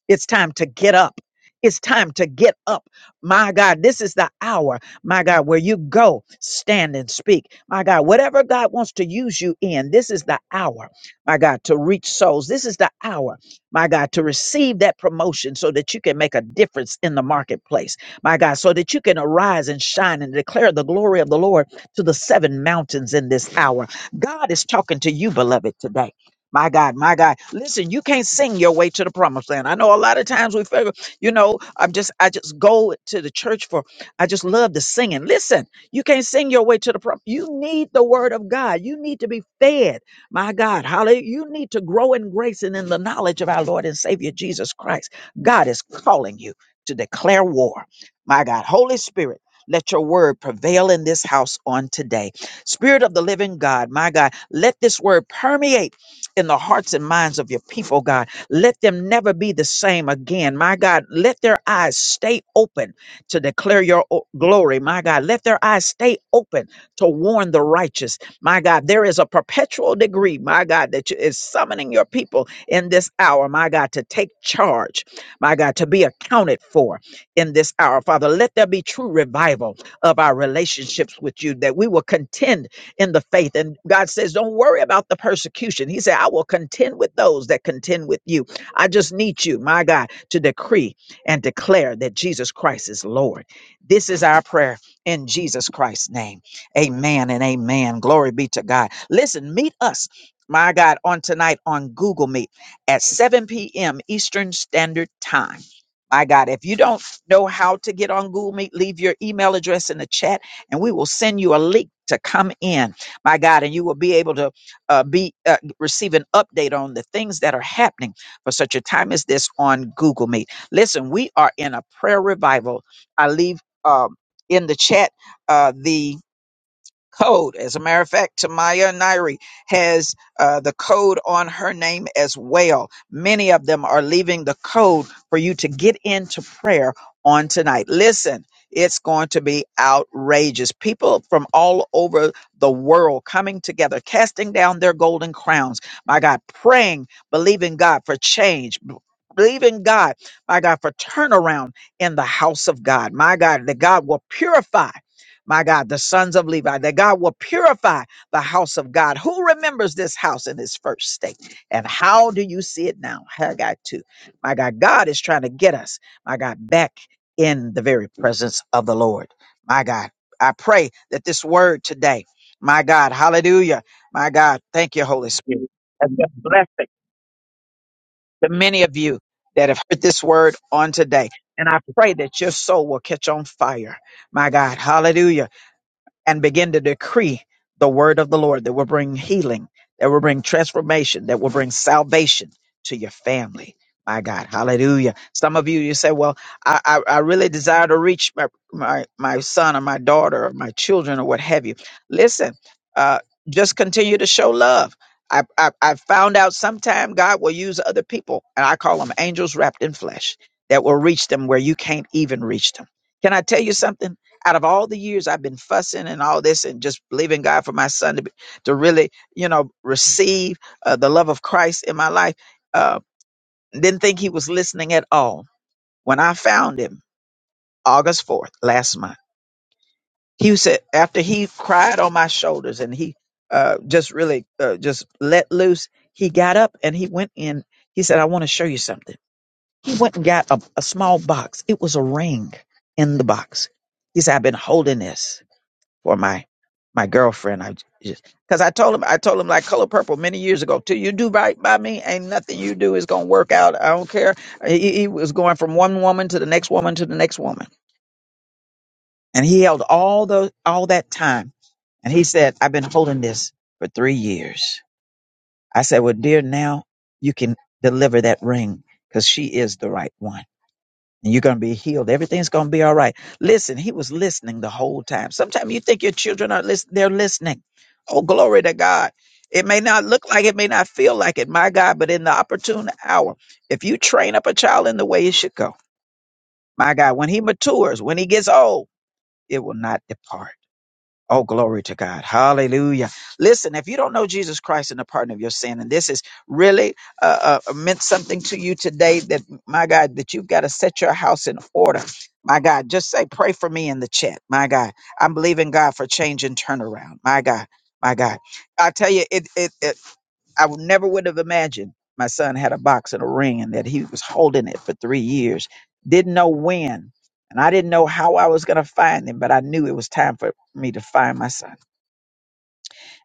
S1: It's time to get up. It's time to get up. My God, this is the hour, my God, where you go, stand and speak. My God, whatever God wants to use you in, this is the hour, my God, to reach souls. This is the hour, my God, to receive that promotion so that you can make a difference in the marketplace, my God, so that you can arise and shine and declare the glory of the Lord to the seven mountains in this hour. God is talking to you, beloved, today. My God, my God. Listen, you can't sing your way to the promised land. I know a lot of times we figure, you know, I'm just I just go to the church for I just love the singing. Listen, you can't sing your way to the prom. You need the word of God. You need to be fed. My God, hallelujah. You need to grow in grace and in the knowledge of our Lord and Savior Jesus Christ. God is calling you to declare war. My God, Holy Spirit. Let your word prevail in this house on today. Spirit of the living God, my God, let this word permeate in the hearts and minds of your people, God. Let them never be the same again. My God, let their eyes stay open to declare your o- glory. My God, let their eyes stay open to warn the righteous. My God, there is a perpetual degree, my God, that you- is summoning your people in this hour, my God, to take charge, my God, to be accounted for in this hour. Father, let there be true revival of our relationships with you, that we will contend in the faith. And God says, Don't worry about the persecution. He said, I will contend with those that contend with you. I just need you, my God, to decree and declare that Jesus Christ is Lord. This is our prayer in Jesus Christ's name. Amen and amen. Glory be to God. Listen, meet us. My God, on tonight on Google Meet at 7 p.m. Eastern Standard Time. My God, if you don't know how to get on Google Meet, leave your email address in the chat and we will send you a link to come in, my God, and you will be able to uh, be uh, receive an update on the things that are happening for such a time as this on Google Meet. Listen, we are in a prayer revival. I leave um, in the chat uh, the code. As a matter of fact, Tamaya Nairi has uh, the code on her name as well. Many of them are leaving the code for you to get into prayer on tonight. Listen. It's going to be outrageous. People from all over the world coming together, casting down their golden crowns. My God, praying, believing God for change, b- believing God, my God, for turnaround in the house of God. My God, that God will purify my God, the sons of Levi, that God will purify the house of God. Who remembers this house in its first state? And how do you see it now? Haggai 2. My God, God is trying to get us, my God, back in the very presence of the Lord. My God, I pray that this word today, my God, hallelujah, my God, thank you, Holy Spirit, has been a blessing to many of you that have heard this word on today. And I pray that your soul will catch on fire. My God, hallelujah and begin to decree the word of the Lord that will bring healing, that will bring transformation, that will bring salvation to your family. My God, hallelujah. Some of you, you say, well, I, I, I really desire to reach my, my, my son or my daughter or my children or what have you. Listen, uh, just continue to show love. I, I, I found out sometime God will use other people, and I call them angels wrapped in flesh, that will reach them where you can't even reach them. Can I tell you something? out of all the years I've been fussing and all this and just believing God for my son to be, to really, you know, receive uh, the love of Christ in my life, uh, didn't think he was listening at all. When I found him August 4th last month, he said, after he cried on my shoulders and he uh, just really uh, just let loose, he got up and he went in. He said, I want to show you something. He went and got a, a small box. It was a ring in the box. He said, I've been holding this. for my my girlfriend. I just because I told him I told him like color purple many years ago. Till you do right by me, ain't nothing you do is gonna work out. I don't care. He, he was going from one woman to the next woman to the next woman, and he held all the all that time. And he said, "I've been holding this for three years." I said, "Well, dear, now you can deliver that ring because she is the right one." and you're going to be healed. Everything's going to be all right. Listen, he was listening the whole time. Sometimes you think your children are listening, they're listening. Oh, glory to God. It may not look like it, may not feel like it, my God, but in the opportune hour, if you train up a child in the way it should go, my God, when he matures, when he gets old, it will not depart. Oh, glory to God. Hallelujah. Listen, if you don't know Jesus Christ and the pardon of your sin, and this is really uh, uh, meant something to you today, that my God, that you've got to set your house in order. My God, just say, pray for me in the chat. My God, I'm believing God for change and turnaround. My God, my God. I tell you, it, it, it I would- never would have imagined my son had a box and a ring and that he was holding it for three years. Didn't know when. And I didn't know how I was going to find him, but I knew it was time for me to find my son.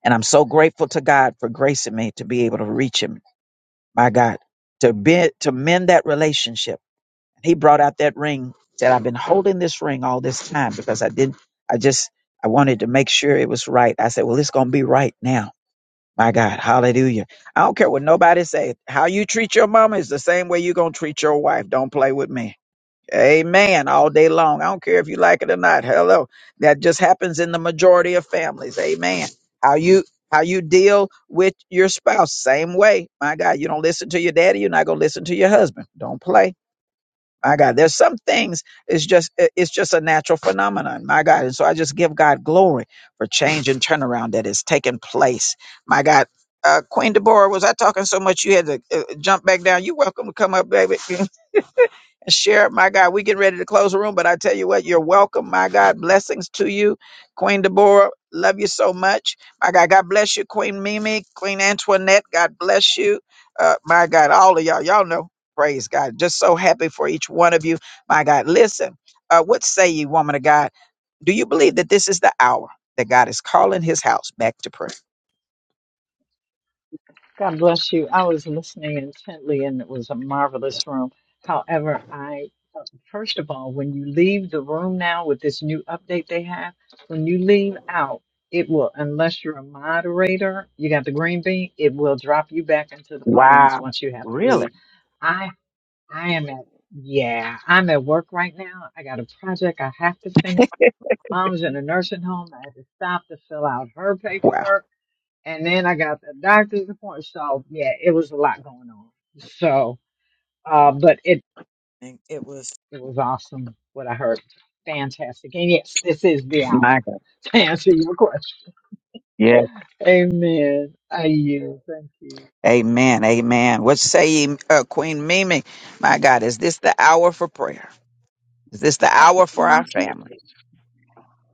S1: And I'm so grateful to God for gracing me to be able to reach him. My God, to be, to mend that relationship. He brought out that ring. Said, "I've been holding this ring all this time because I didn't. I just I wanted to make sure it was right." I said, "Well, it's going to be right now." My God, Hallelujah! I don't care what nobody say. How you treat your mama is the same way you're going to treat your wife. Don't play with me. Amen. All day long. I don't care if you like it or not. Hello. That just happens in the majority of families. Amen. How you how you deal with your spouse, same way. My God, you don't listen to your daddy, you're not gonna listen to your husband. Don't play. My God, there's some things it's just it- it's just a natural phenomenon. My God. And so I just give God glory for change and turnaround that is taking place. My God. Uh, Queen Deborah, was I talking so much you had to uh, jump back down? You welcome to come up, baby and share. it, My God, we get ready to close the room, but I tell you what, you're welcome. My God, blessings to you, Queen Deborah. Love you so much. My God, God bless you, Queen Mimi, Queen Antoinette. God bless you. Uh, my God, all of y'all, y'all know. Praise God. Just so happy for each one of you. My God, listen. Uh, what say ye, woman of God? Do you believe that this is the hour? that God is calling his house back to prayer.
S7: God bless you. I was listening intently and it was a marvelous room. However, I, uh, first of all, when you leave the room now with this new update they have, when you leave out, it will, unless you're a moderator, you got the green bean, it will drop you back into the audience
S1: Wow.
S7: once you have to
S1: Really?
S7: leave. I, I am at, yeah, I'm at work right now. I got a project I have to finish. Mom's in a nursing home. I had to stop to fill out her
S1: Wow.
S7: paperwork and then I got the doctor's appointment. So yeah, it was a lot going on. So, uh, but it And It was it was awesome what I heard. Fantastic. And yes, this is the hour
S1: My God.
S7: to answer your question.
S1: Yeah.
S7: Amen. I yield. Thank you.
S1: Amen. Amen. What say ye, uh, Queen Mimi? My God, is this the hour for prayer? Is This the hour for our
S8: Constant,
S1: family.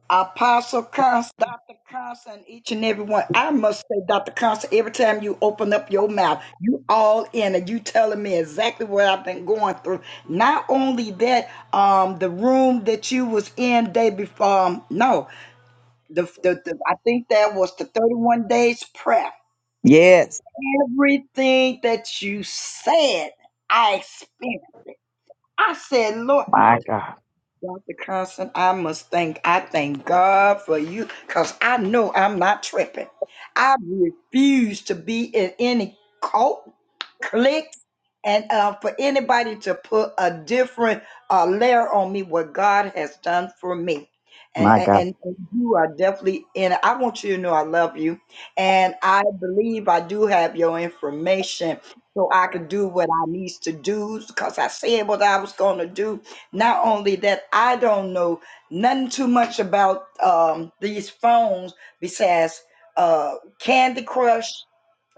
S8: Apostle Constant, Dr. Constant, each and every one. I must say, Dr. Constant, every time you open up your mouth, you all in and you telling me exactly what I've been going through. Not only that, um, the room that you was in day before, um, no, the, the, the I think that was the 31 days prayer.
S1: Yes,
S8: Everything that you said, I experienced it. I said, Lord.
S1: my God.
S8: Dr. Constant, I must thank, I thank God for you because I know I'm not tripping. I refuse to be in any cult, cliques, and uh, for anybody to put a different uh, layer on me what God has done for me. And,
S1: My God.
S8: and, and you are definitely in it. I want you to know I love you. And I believe I do have your information so I can do what I needs to do because I said what I was going to do not only that, I don't know nothing too much about um, these phones besides uh, Candy Crush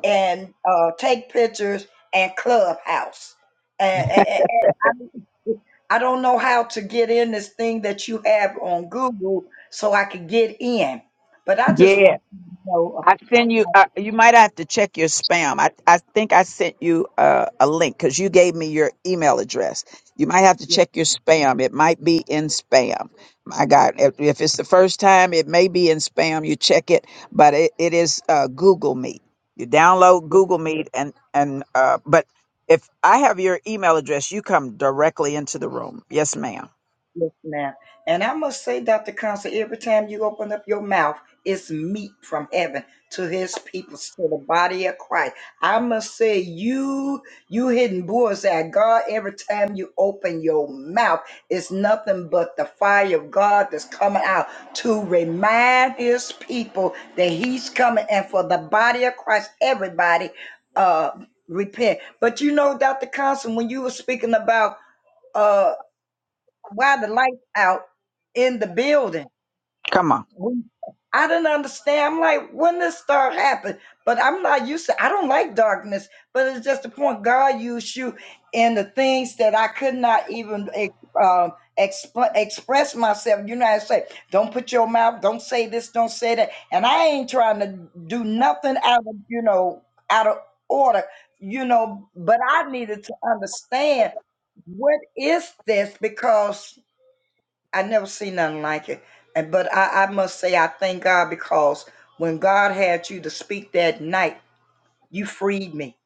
S8: and uh, Take Pictures and Clubhouse. And, and, and I, I don't know how to get in this thing that you have on Google so I could get in. But I just
S1: Yeah.
S8: want to know.
S1: I
S8: uh,
S1: send you.
S8: uh,
S1: Uh, you might have to check your spam. I I think I sent you uh, a link because you gave me your email address. You might have to
S8: yeah.
S1: check your spam. It might be in spam. My God, if, if it's the first time, it may be in spam. You check it, but it, it is uh, Google Meet. You download Google Meet and and uh, but. If I have your email address, you come directly into the room. Yes, ma'am.
S8: Yes, ma'am. And I must say, Dr. Constant, every time you open up your mouth, it's meat from heaven to his people, to the body of Christ. I must say, you you hitting bullseye. God, every time you open your mouth, it's nothing but the fire of God that's coming out to remind his people that he's coming and for the body of Christ, everybody uh repent. But you know, Dr. Constant, when you were speaking about uh why the lights out in the building.
S1: Come on.
S8: We- I didn't understand. I'm like, when this start happen? But I'm not used to. I don't like darkness. But it's just the point God used you in the things that I could not even ex- um, expl- express myself. You know, I say, don't put your mouth. Don't say this. Don't say that. And I ain't trying to do nothing out of you know out of order. You know, but I needed to understand what is this because I never seen nothing like it. And but I, I must say I thank God because when God had you to speak that night, you freed me.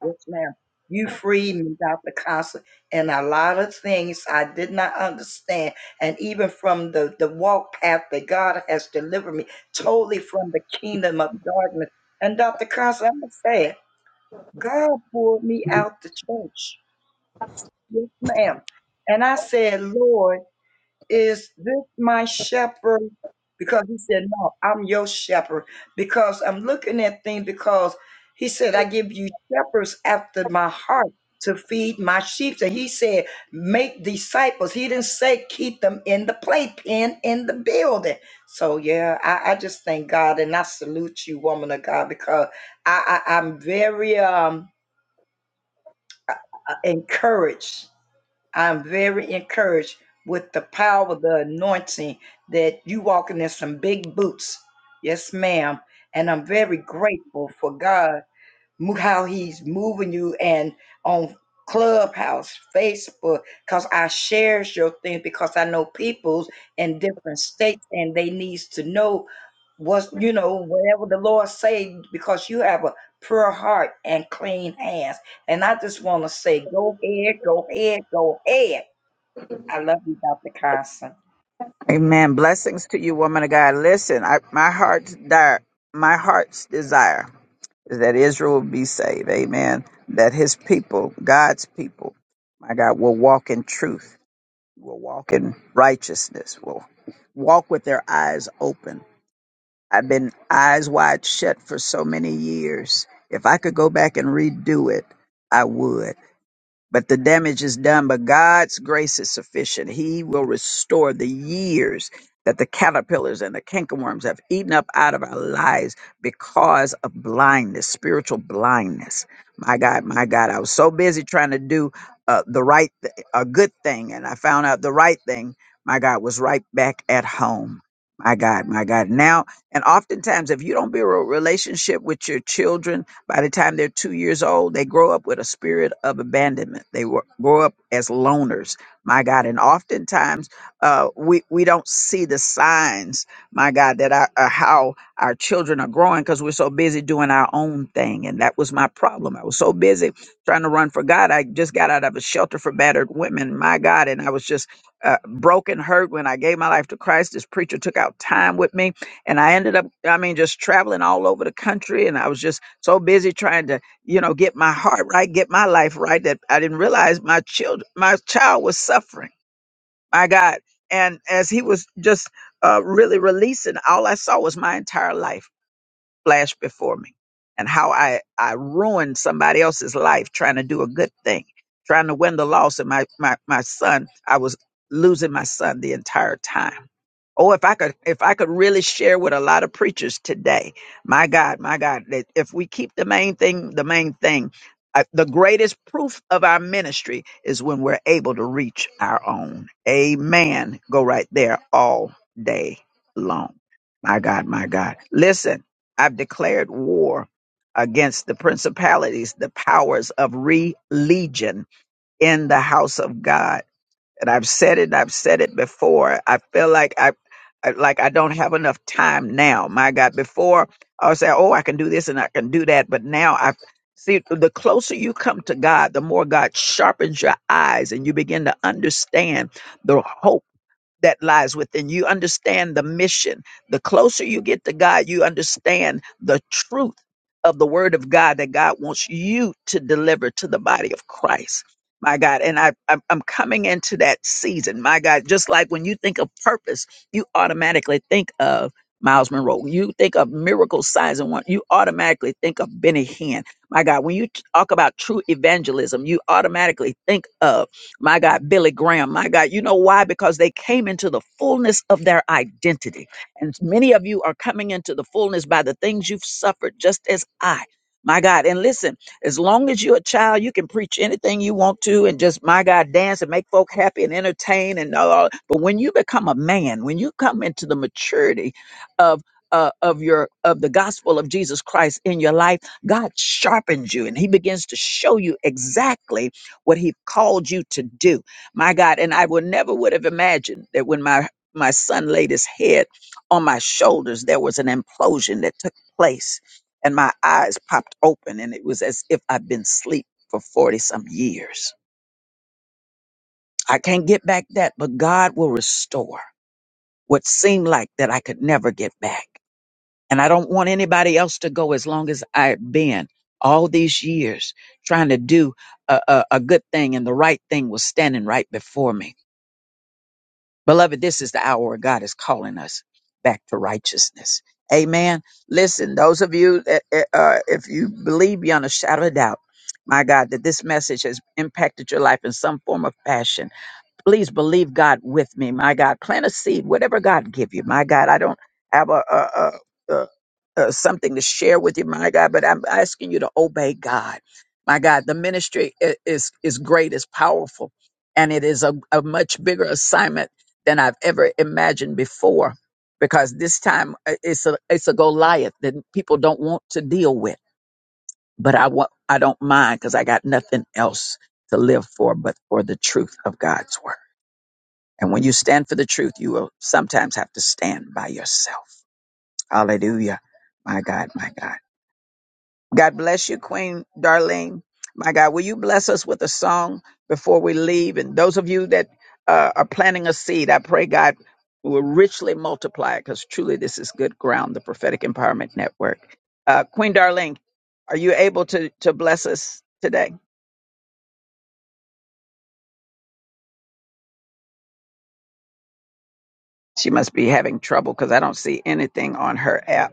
S8: Yes, ma'am. You freed me, Dr. Constant, and a lot of things I did not understand. And even from the, the walk path that God has delivered me totally from the kingdom of darkness. And Dr. Constant, I'm gonna say it, God pulled me out the church. Yes, ma'am. And I said, Lord. Is this my shepherd? Because he said, No, I'm your shepherd. Because I'm looking at things because he said, I give you shepherds after my heart to feed my sheep. And he said, Make disciples. He didn't say keep them in the playpen in the building. So yeah, I, I just thank God and I salute you, woman of God, because I, I I'm very um uh, uh, encouraged I'm very encouraged with the power, the anointing that you walking in some big boots. Yes, ma'am. And I'm very grateful for God how he's moving you and on clubhouse facebook because i shares your thing because i know people's in different states and they needs to know what's you know whatever the lord say because you have a pure heart and clean hands and i just want to say go ahead go ahead go ahead i love you dr Carson.
S1: Amen. Blessings to you, woman of God. Listen, I, my heart's dire, my heart's desire is that Israel will be saved. Amen. That his people, God's people, my God, will walk in truth, will walk in righteousness, will walk with their eyes open. I've been eyes wide shut for so many years. If I could go back and redo it, I would but the damage is done. But God's grace is sufficient. He will restore the years that the caterpillars and the cankerworms have eaten up out of our lives because of blindness, spiritual blindness. My God, my God, I was so busy trying to do uh, the right, th- a good thing, and I found out the right thing, my God, was right back at home. My God, my God. Now, and oftentimes, if you don't build a relationship with your children, by the time they're two years old, they grow up with a spirit of abandonment. They wo- grow up as loners, my God. And oftentimes, uh, we we don't see the signs, my God, that our, uh, how our children are growing because we're so busy doing our own thing. And that was my problem. I was so busy trying to run for God. I just got out of a shelter for battered women, my God, and I was just uh, broken, hurt when I gave my life to Christ. This preacher took out time with me and I ended up, I mean, just traveling all over the country. And I was just so busy trying to, you know, get my heart right, get my life right, that I didn't realize my child, my child was suffering. My God. And as he was just uh, really releasing, all I saw was my entire life flash before me and how I, I ruined somebody else's life trying to do a good thing, trying to win the loss. And my, my, my son, I was losing my son the entire time Oh, if I could, if I could really share with a lot of preachers today, my God, my God, that if we keep the main thing, the main thing, uh, the greatest proof of our ministry is when we're able to reach our own. Amen. Go right there all day long. My God, my God. Listen, I've declared war against the principalities, the powers of religion in the house of God and I've said it, and I've said it before. I feel like I, I like I don't have enough time now. My God, before I would say, oh, I can do this and I can do that, but now I see the closer you come to God, the more God sharpens your eyes, and you begin to understand the hope that lies within. You understand the mission. The closer you get to God, you understand the truth of the word of God that God wants you to deliver to the body of Christ. My God, and I, I'm I'm coming into that season. My God, just like when you think of purpose, you automatically think of Miles Monroe. You think of miracle signs and one. You automatically think of Benny Hinn. My God, when you talk about true evangelism, you automatically think of my God, Billy Graham, my God. You know why? Because they came into the fullness of their identity. And many of you are coming into the fullness by the things you've suffered, just as I. My God. And listen, as long as you're a child, you can preach anything you want to and just, my God, dance and make folk happy and entertain and all. But when you become a man, when you come into the maturity of uh, of your of the gospel of Jesus Christ in your life, God sharpens you and He begins to show you exactly what he called you to do my god and i would never would have imagined that when my my son laid his head on my shoulders there was an implosion that took place and my eyes popped open and it was as if i'd been asleep for 40 some years i can't get back that but god will restore what seemed like that i could never get back and i don't want anybody else to go as long as i've been all these years trying to do a, a, a good thing and the right thing was standing right before me Beloved, this is the hour God is calling us back to righteousness. Amen. Listen, those of you that, uh, uh, if you believe beyond a shadow of doubt, my God, that this message has impacted your life in some form of fashion please believe God with me, my God. Plant a seed, whatever God give you, my God. I don't have a, a, a, a, a something to share with you, my God, but I'm asking you to obey God, my God. The ministry i- is is great, is powerful, and it is a, a much bigger assignment than I've ever imagined before. Because this time uh, it's a it's a Goliath that people don't want to deal with, but I want I don't mind because I got nothing else to live for but for the truth of God's word. And when you stand for the truth, you will sometimes have to stand by yourself. Hallelujah. My God, my God. God bless you, Queen Darlene. My God, will you bless us with a song before we leave? And those of you that uh, are planting a seed, I pray God will richly multiply it because truly this is good ground, the Prophetic Empowerment Network. Uh, Queen Darlene, are you able to, to bless us today? She must be having trouble because I don't see anything on her app.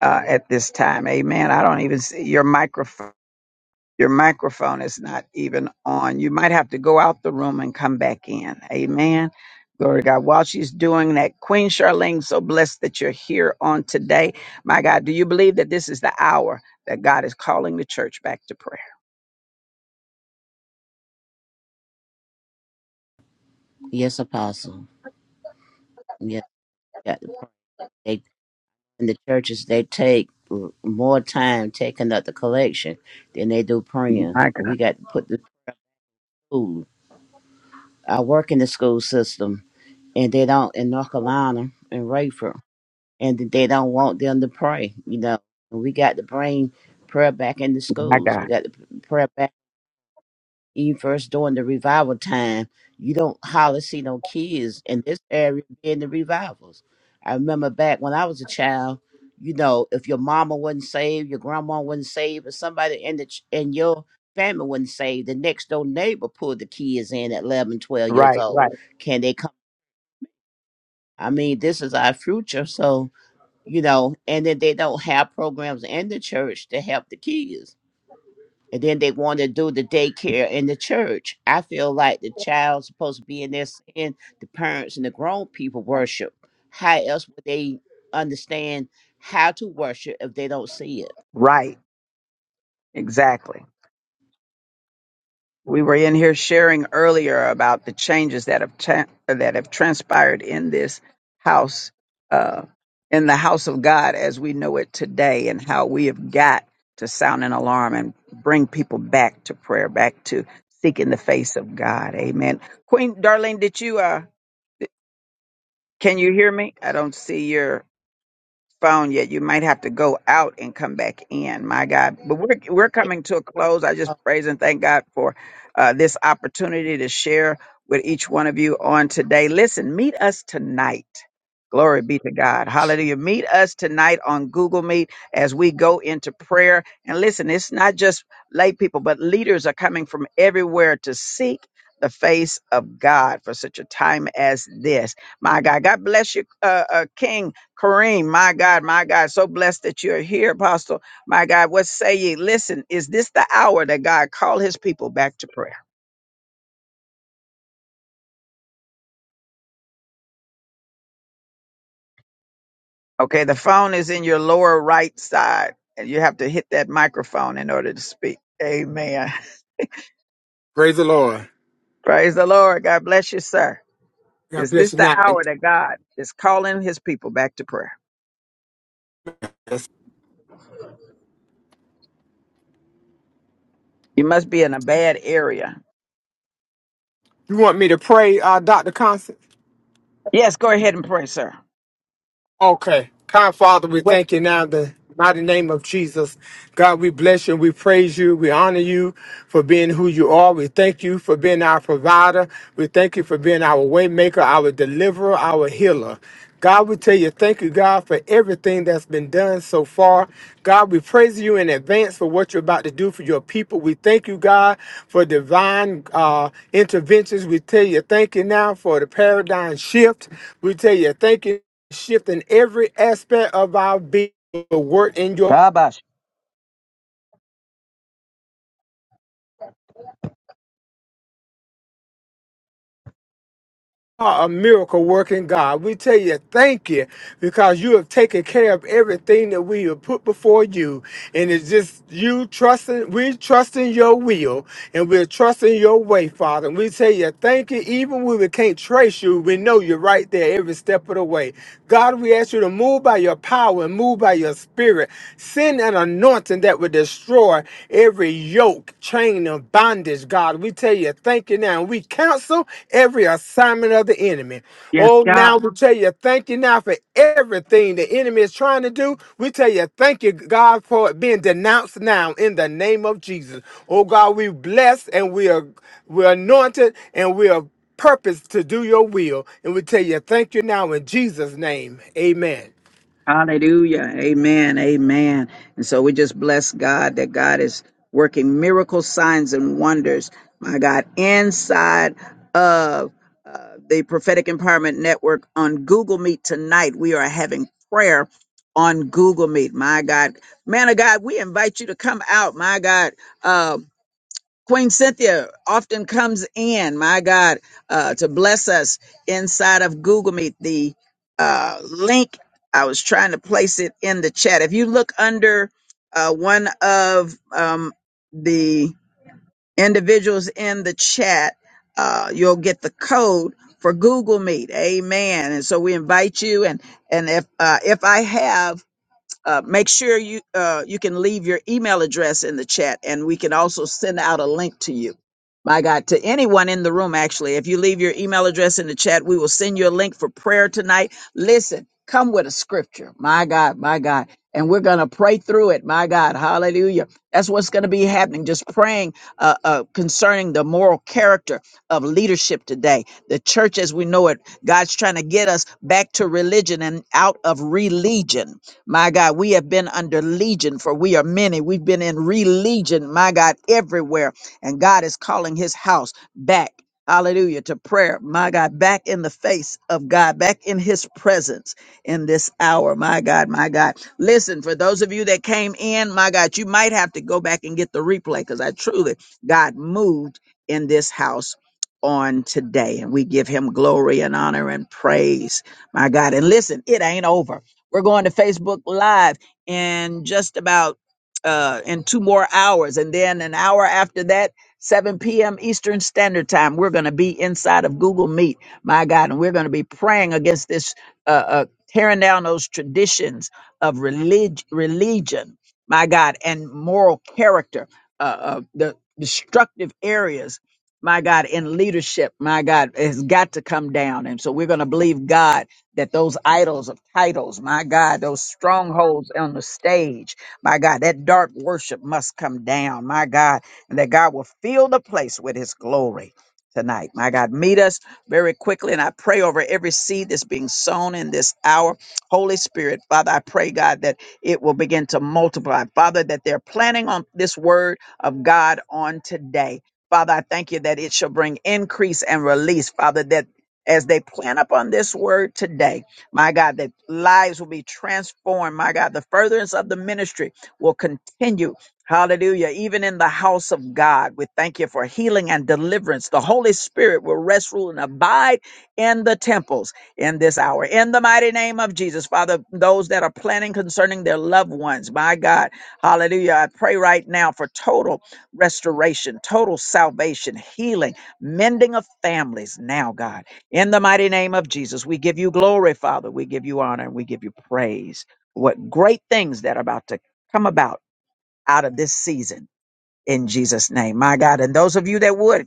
S1: uh, at this time. Amen. I don't even see your microphone. Your microphone is not even on. You might have to go out the room and come back in. Amen. Glory to God. While she's doing that, Queen Charlene, so blessed that you're here on today. My God, do you believe that this is the hour that God is calling the church back to prayer?
S9: Yes, Apostle. Yes, yeah, they and the churches they take more time taking up the collection than they do praying.
S1: My God,
S9: We got to put the school. I work in the school system, and they don't in North Carolina and Rayford, and they don't want them to pray. You know, and we got to bring prayer back in the
S1: my
S9: schools. We
S1: God.
S9: got to pray back. even first during the revival time, you don't hardly see no kids in this area being the revivals. I remember back when I was a child, you know, if your mama wasn't saved, your grandma wasn't saved, or somebody in the ch- in your family wasn't saved, the next door neighbor pulled the kids in at 11, twelve years
S1: Right,
S9: old.
S1: right,
S9: Can they come? I mean, this is our future, so you know, and then they don't have programs in the church to help the kids and then they want to do the daycare in the church. I feel like the child's supposed to be in there saying the parents and the grown people worship. How else would they understand how to worship if they don't see it?
S1: right. Exactly. We were in here sharing earlier about the changes that have tra- that have transpired in this house, uh, in the house of God as we know it today, and how we have got to sound an alarm and bring people back to prayer, back to seeking the face of God. Amen. Queen Darlene, did you? Uh, can you hear me? I don't see your. phone yet. You might have to go out and come back in. My God, but we're we're coming to a close. I just praise and thank God for uh, this opportunity to share with each one of you on today. Listen, meet us tonight. Glory be to God. Hallelujah. Meet us tonight on Google Meet as we go into prayer. And listen, it's not just lay people, but leaders are coming from everywhere to seek the face of God for such a time as this. My God, God bless you, uh, uh, King. Kareem, my God, my God, so blessed that you're here, Apostle. My God, what say ye? Listen, is this the hour that God called his people back to prayer? Okay, the phone is in your lower right side, and you have to hit that microphone in order to speak. Amen.
S10: Praise the Lord.
S1: Praise the Lord. God bless you, sir.
S10: God
S1: Is
S10: bless
S1: this
S10: you.
S1: the
S10: Now, you
S1: hour that God is calling his people back to prayer? You must be in a bad area.
S10: want me to pray, uh, Dr. Constant?
S1: Yes, go ahead and pray, sir.
S10: Okay. Kind Father, we thank you now in the mighty name of Jesus. God, we bless you. We praise you. We honor you for being who you are. We thank you for being our provider. We thank you for being our waymaker, our deliverer, our healer. God, we tell you, thank you, God, for everything that's been done so far. God, we praise you in advance for what you're about to do for your people. We thank you, God, for divine uh, interventions. We tell you, thank you now for the paradigm shift. We tell you, thank you shifting every aspect of our being to work in your
S1: Shabash.
S10: are a miracle working God. We tell you thank you because you have taken care of everything that we have put before you. And it's just you trusting, we're trusting your will and we're trusting your way, Father. And we tell you thank you. Even when we can't trace you, we know you're right there every step of the way. God, we ask you to move by your power and move by your spirit. Send an anointing that would destroy every yoke, chain of bondage, God. We tell you, thank you now. We cancel every assignment of the enemy.
S1: Yes,
S10: Oh,
S1: God.
S10: now we tell you, thank you now for everything the enemy is trying to do. We tell you, thank you, God, for it being denounced now in the name of Jesus. Oh, God, we blessed and we are we're anointed and we are purpose to do your will. And we tell you, thank you now in Jesus' name. Amen.
S1: Hallelujah. Amen. Amen. And so we just bless God that God is working miracle signs and wonders, my God, inside of uh, the Prophetic Empowerment Network on Google Meet tonight. We are having prayer on Google Meet, my God. Man of God, we invite you to come out, my God. Uh, Queen Cynthia often comes in, my God, uh, to bless us inside of Google Meet. The uh, link, I was trying to place it in the chat. If you look under uh, one of um, the individuals in the chat, uh, you'll get the code for Google Meet. Amen. And so we invite you. And and if uh, if I have uh, make sure you uh, you can leave your email address in the chat and we can also send out a link to you my god to anyone in the room actually if you leave your email address in the chat we will send you a link for prayer tonight listen come with a scripture my god my god and we're going to pray through it my god hallelujah that's what's going to be happening just praying uh, uh, concerning the moral character of leadership today the church as we know it god's trying to get us back to religion and out of religion my God, we have been under legion, for we are many. We've been in religion, my God, everywhere. And God is calling his house back. Hallelujah to prayer, my God, back in the face of God, back in his presence in this hour, my God, my God. Listen, for those of you that came in, my God, you might have to go back and get the replay because I truly, God moved in this house on today. And we give him glory and honor and praise, my God. And listen, it ain't over. We're going to Facebook Live in just about uh, in two more hours. And then an hour after that, 7 p.m. Eastern Standard Time, we're going to be inside of Google Meet, my God. And we're going to be praying against this, uh, uh, tearing down those traditions of relig- religion, my God, and moral character, uh, uh, the destructive areas. My God, in leadership, my God, has got to come down. And so we're going to believe God that those idols of titles, my God, those strongholds on the stage, my God, that dark worship must come down, my God, and that God will fill the place with his glory tonight. My God, meet us very quickly. And I pray over every seed that's being sown in this hour. Holy Spirit, Father, I pray, God, that it will begin to multiply. Father, that they're planning on this word of God on today. Father, I thank you that it shall bring increase and release. Father, that as they plan upon this word today. My God, that lives will be transformed. My God, the furtherance of the ministry will continue. Hallelujah. Even in the house of God, we thank you for healing and deliverance. The Holy Spirit will rest, rule, and abide in the temples in this hour. In the mighty name of Jesus, Father, those that are planning concerning their loved ones, my God, hallelujah. I pray right now for total restoration, total salvation, healing, mending of families now, God. In the mighty name of Jesus, we give you glory, Father. We give you honor and we give you praise. What great things that are about to come about out of this season in Jesus' name, my God. And those of you that would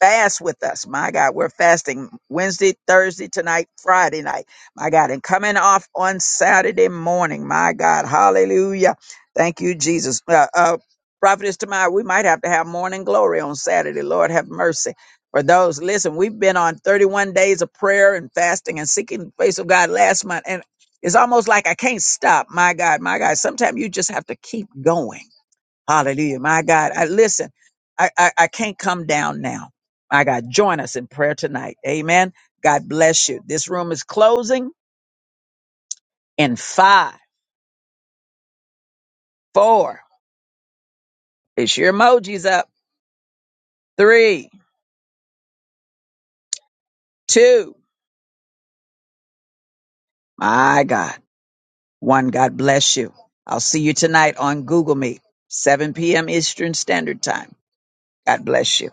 S1: fast with us. My God, we're fasting Wednesday, Thursday, tonight, Friday night. My God, and coming off on Saturday morning. My God, hallelujah. Thank you, Jesus. Uh, uh, Prophetess tomorrow, we might have to have morning glory on Saturday. Lord, have mercy. For those, listen, we've been on 31 days of prayer and fasting and seeking the face of God last month. And it's almost like I can't stop. My God, my God. Sometimes you just have to keep going Hallelujah. My God. I listen, I, I, I can't come down now. My God, join us in prayer tonight. Amen. God bless you. This room is closing in five, four. It's your emojis up. Three, two. My God. One. God bless you. I'll see you tonight on Google Meet, 7 p.m. Eastern Standard Time. God bless you.